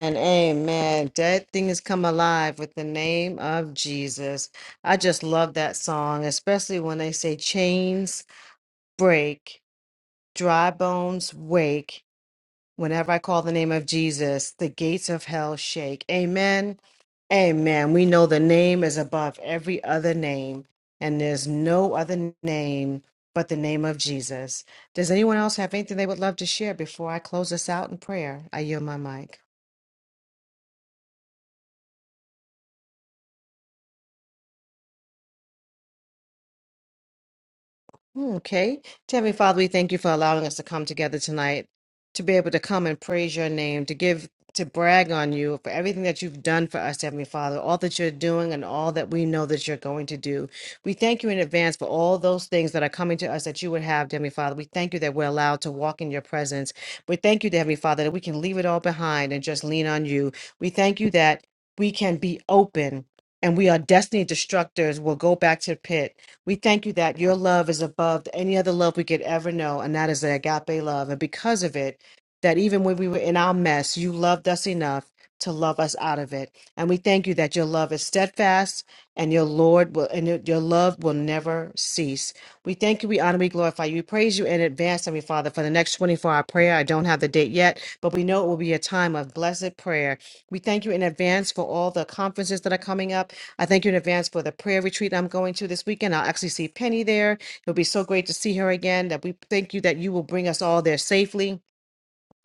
Speaker 1: And amen. Dead things come alive with the name of Jesus. I just love that song, especially when they say chains break, dry bones wake. Whenever I call the name of Jesus, the gates of hell shake. Amen. Amen. We know the name is above every other name, and there's no other name but the name of Jesus. Does anyone else have anything they would love to share before I close us out in prayer? I yield my mic. Mm, Okay. Heavenly Father, we thank you for allowing us to come together tonight to be able to come and praise your name, to give, to brag on you for everything that you've done for us, Heavenly Father, all that you're doing and all that we know that you're going to do. We thank you in advance for all those things that are coming to us that you would have, Heavenly Father. We thank you that we're allowed to walk in your presence. We thank you, Heavenly Father, that we can leave it all behind and just lean on you. We thank you that we can be open and we are destiny destructors. We'll go back to the pit we thank you that your love is above any other love we could ever know, and that is the agape love. And because of it, that even when we were in our mess, you loved us enough to love us out of it. And we thank you that your love is steadfast and your Lord will and your your love will never cease. We thank you, we honor, we glorify you. We praise you in advance, Heavenly Father, for the next 24 hour prayer. I don't have the date yet, but we know it will be a time of blessed prayer. We thank you in advance for all the conferences that are coming up. I thank you in advance for the prayer retreat I'm going to this weekend. I'll actually see Penny there. It'll be so great to see her again. That we thank you that you will bring us all there safely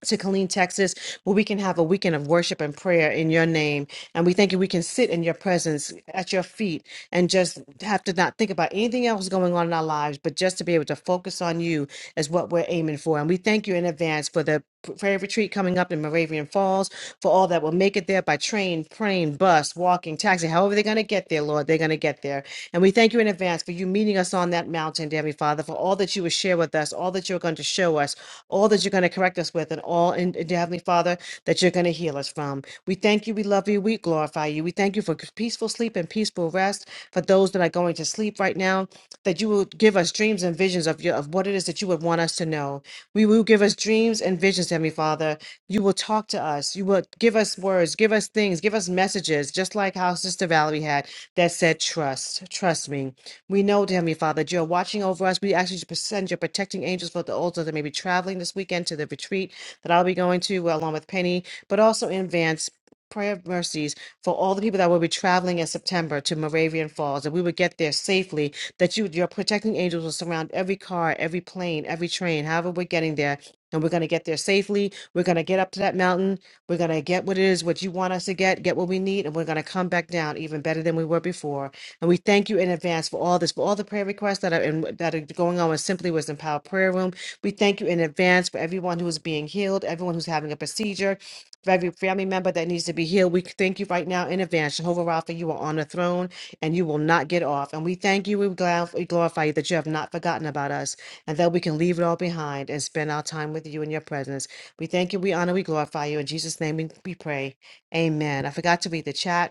Speaker 1: to Killeen, Texas, where we can have a weekend of worship and prayer in your name. And we thank you, we can sit in your presence at your feet and just have to not think about anything else going on in our lives, but just to be able to focus on you is what we're aiming for. And we thank you in advance for the prayer retreat coming up in Moravian Falls, for all that will make it there by train, plane, bus, walking, taxi, however they're going to get there, Lord, they're going to get there. And we thank you in advance for you meeting us on that mountain, dear Heavenly Father, for all that you will share with us, all that you're going to show us, all that you're going to to correct us with, and all, and, and dear Heavenly Father, that you're going to heal us from. We thank you, we love you, we glorify you. We thank you for peaceful sleep and peaceful rest for those that are going to sleep right now, that you will give us dreams and visions of, your, of what it is that you would want us to know. We will give us dreams and visions, Heavenly Father. You will talk to us. You will give us words, give us things, give us messages, just like how Sister Valerie had that said, Trust, trust me. We know, dear Heavenly Father, that you're watching over us. We actually send your protecting angels for the altars that may be traveling traveling this weekend to the retreat that I'll be going to well, along with Penny, but also in Vance. Prayer of mercies for all the people that will be traveling in September to Moravian Falls, that we would get there safely, that you, your protecting angels will surround every car, every plane, every train, however we're getting there. And we're going to get there safely. We're going to get up to that mountain. We're going to get what it is, what you want us to get, get what we need, and we're going to come back down even better than we were before. And we thank you in advance for all this, for all the prayer requests that are in, that are going on with Simply Wisdom Power Prayer Room. We thank you in advance for everyone who is being healed, everyone who's having a procedure, for every family member that needs to be healed. We thank you right now in advance. Jehovah Rapha, you are on the throne and you will not get off. And we thank you, we glorif- we glorify you that you have not forgotten about us and that we can leave it all behind and spend our time with you in your presence. We thank you, we honor, we glorify you. In Jesus' name we we pray. Amen. I forgot to read the chat.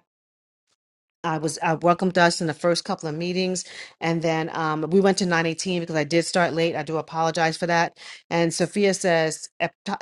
Speaker 1: I was uh, welcomed us in the first couple of meetings, and then um, we went to 918 because I did start late. I do apologize for that. And Sophia says, "Epta-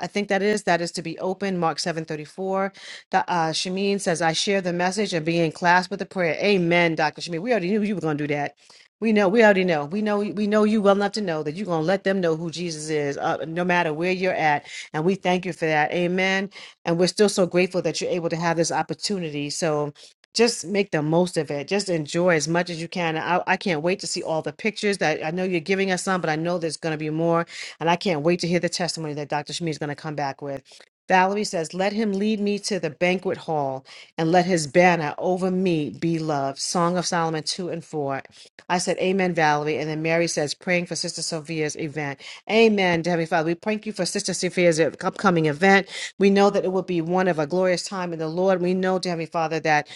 Speaker 1: I think that is that is to be open. Mark 7:34. The, uh, Shamin says, "I share the message and be in class with the prayer." Amen, Doctor Shamin. We already knew you were going to do that. We know. We already know. We know. We know you well enough to know that you're going to let them know who Jesus is, uh, no matter where you're at. And we thank you for that. Amen. And we're still so grateful that you're able to have this opportunity. So just make the most of it. Just enjoy as much as you can. And I, I can't wait to see all the pictures that I know you're giving us some, but I know there's going to be more. And I can't wait to hear the testimony that Dr. Shmi is going to come back with. Valerie says, Let him lead me to the banquet hall and let his banner over me be love. Song of Solomon 2 and 4. I said, Amen, Valerie. And then Mary says, Praying for Sister Sophia's event. Amen, Heavenly Father. We thank you for Sister Sophia's upcoming event. We know that it will be one of a glorious time in the Lord. We know, dear Heavenly Father, that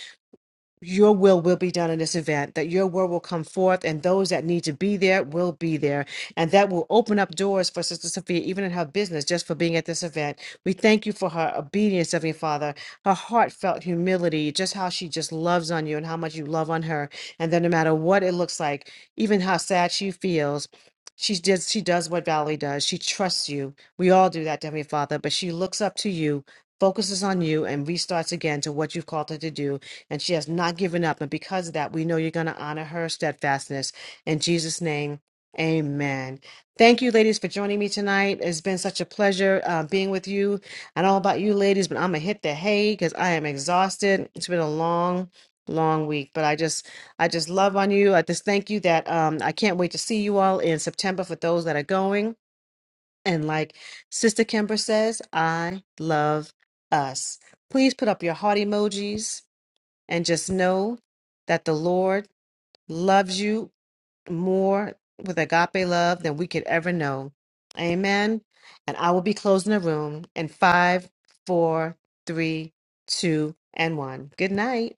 Speaker 1: your will will be done in this event, that your word will come forth, and those that need to be there will be there. And that will open up doors for Sister Sophia, even in her business, just for being at this event. We thank you for her obedience, Heavenly Father, her heartfelt humility, just how she just loves on you and how much you love on her. And that no matter what it looks like, even how sad she feels, she does, she does what Valerie does. She trusts you. We all do that, Heavenly Father, but she looks up to you, focuses on you, and restarts again to what you've called her to do and she has not given up. And because of that, we know you're going to honor her steadfastness. In Jesus' name, amen. Thank you, ladies, for joining me tonight. It's been such a pleasure uh, being with you. I don't know about you, ladies, but I'm going to hit the hay because I am exhausted. It's been a long, long week but i just i just love on you i just thank you that um i can't wait to see you all in september for those that are going and like sister kimber says i love us please put up your heart emojis and just know that the Lord loves you more with agape love than we could ever know. Amen. And I will be closing the room in five, four, three, two, and one. Good night.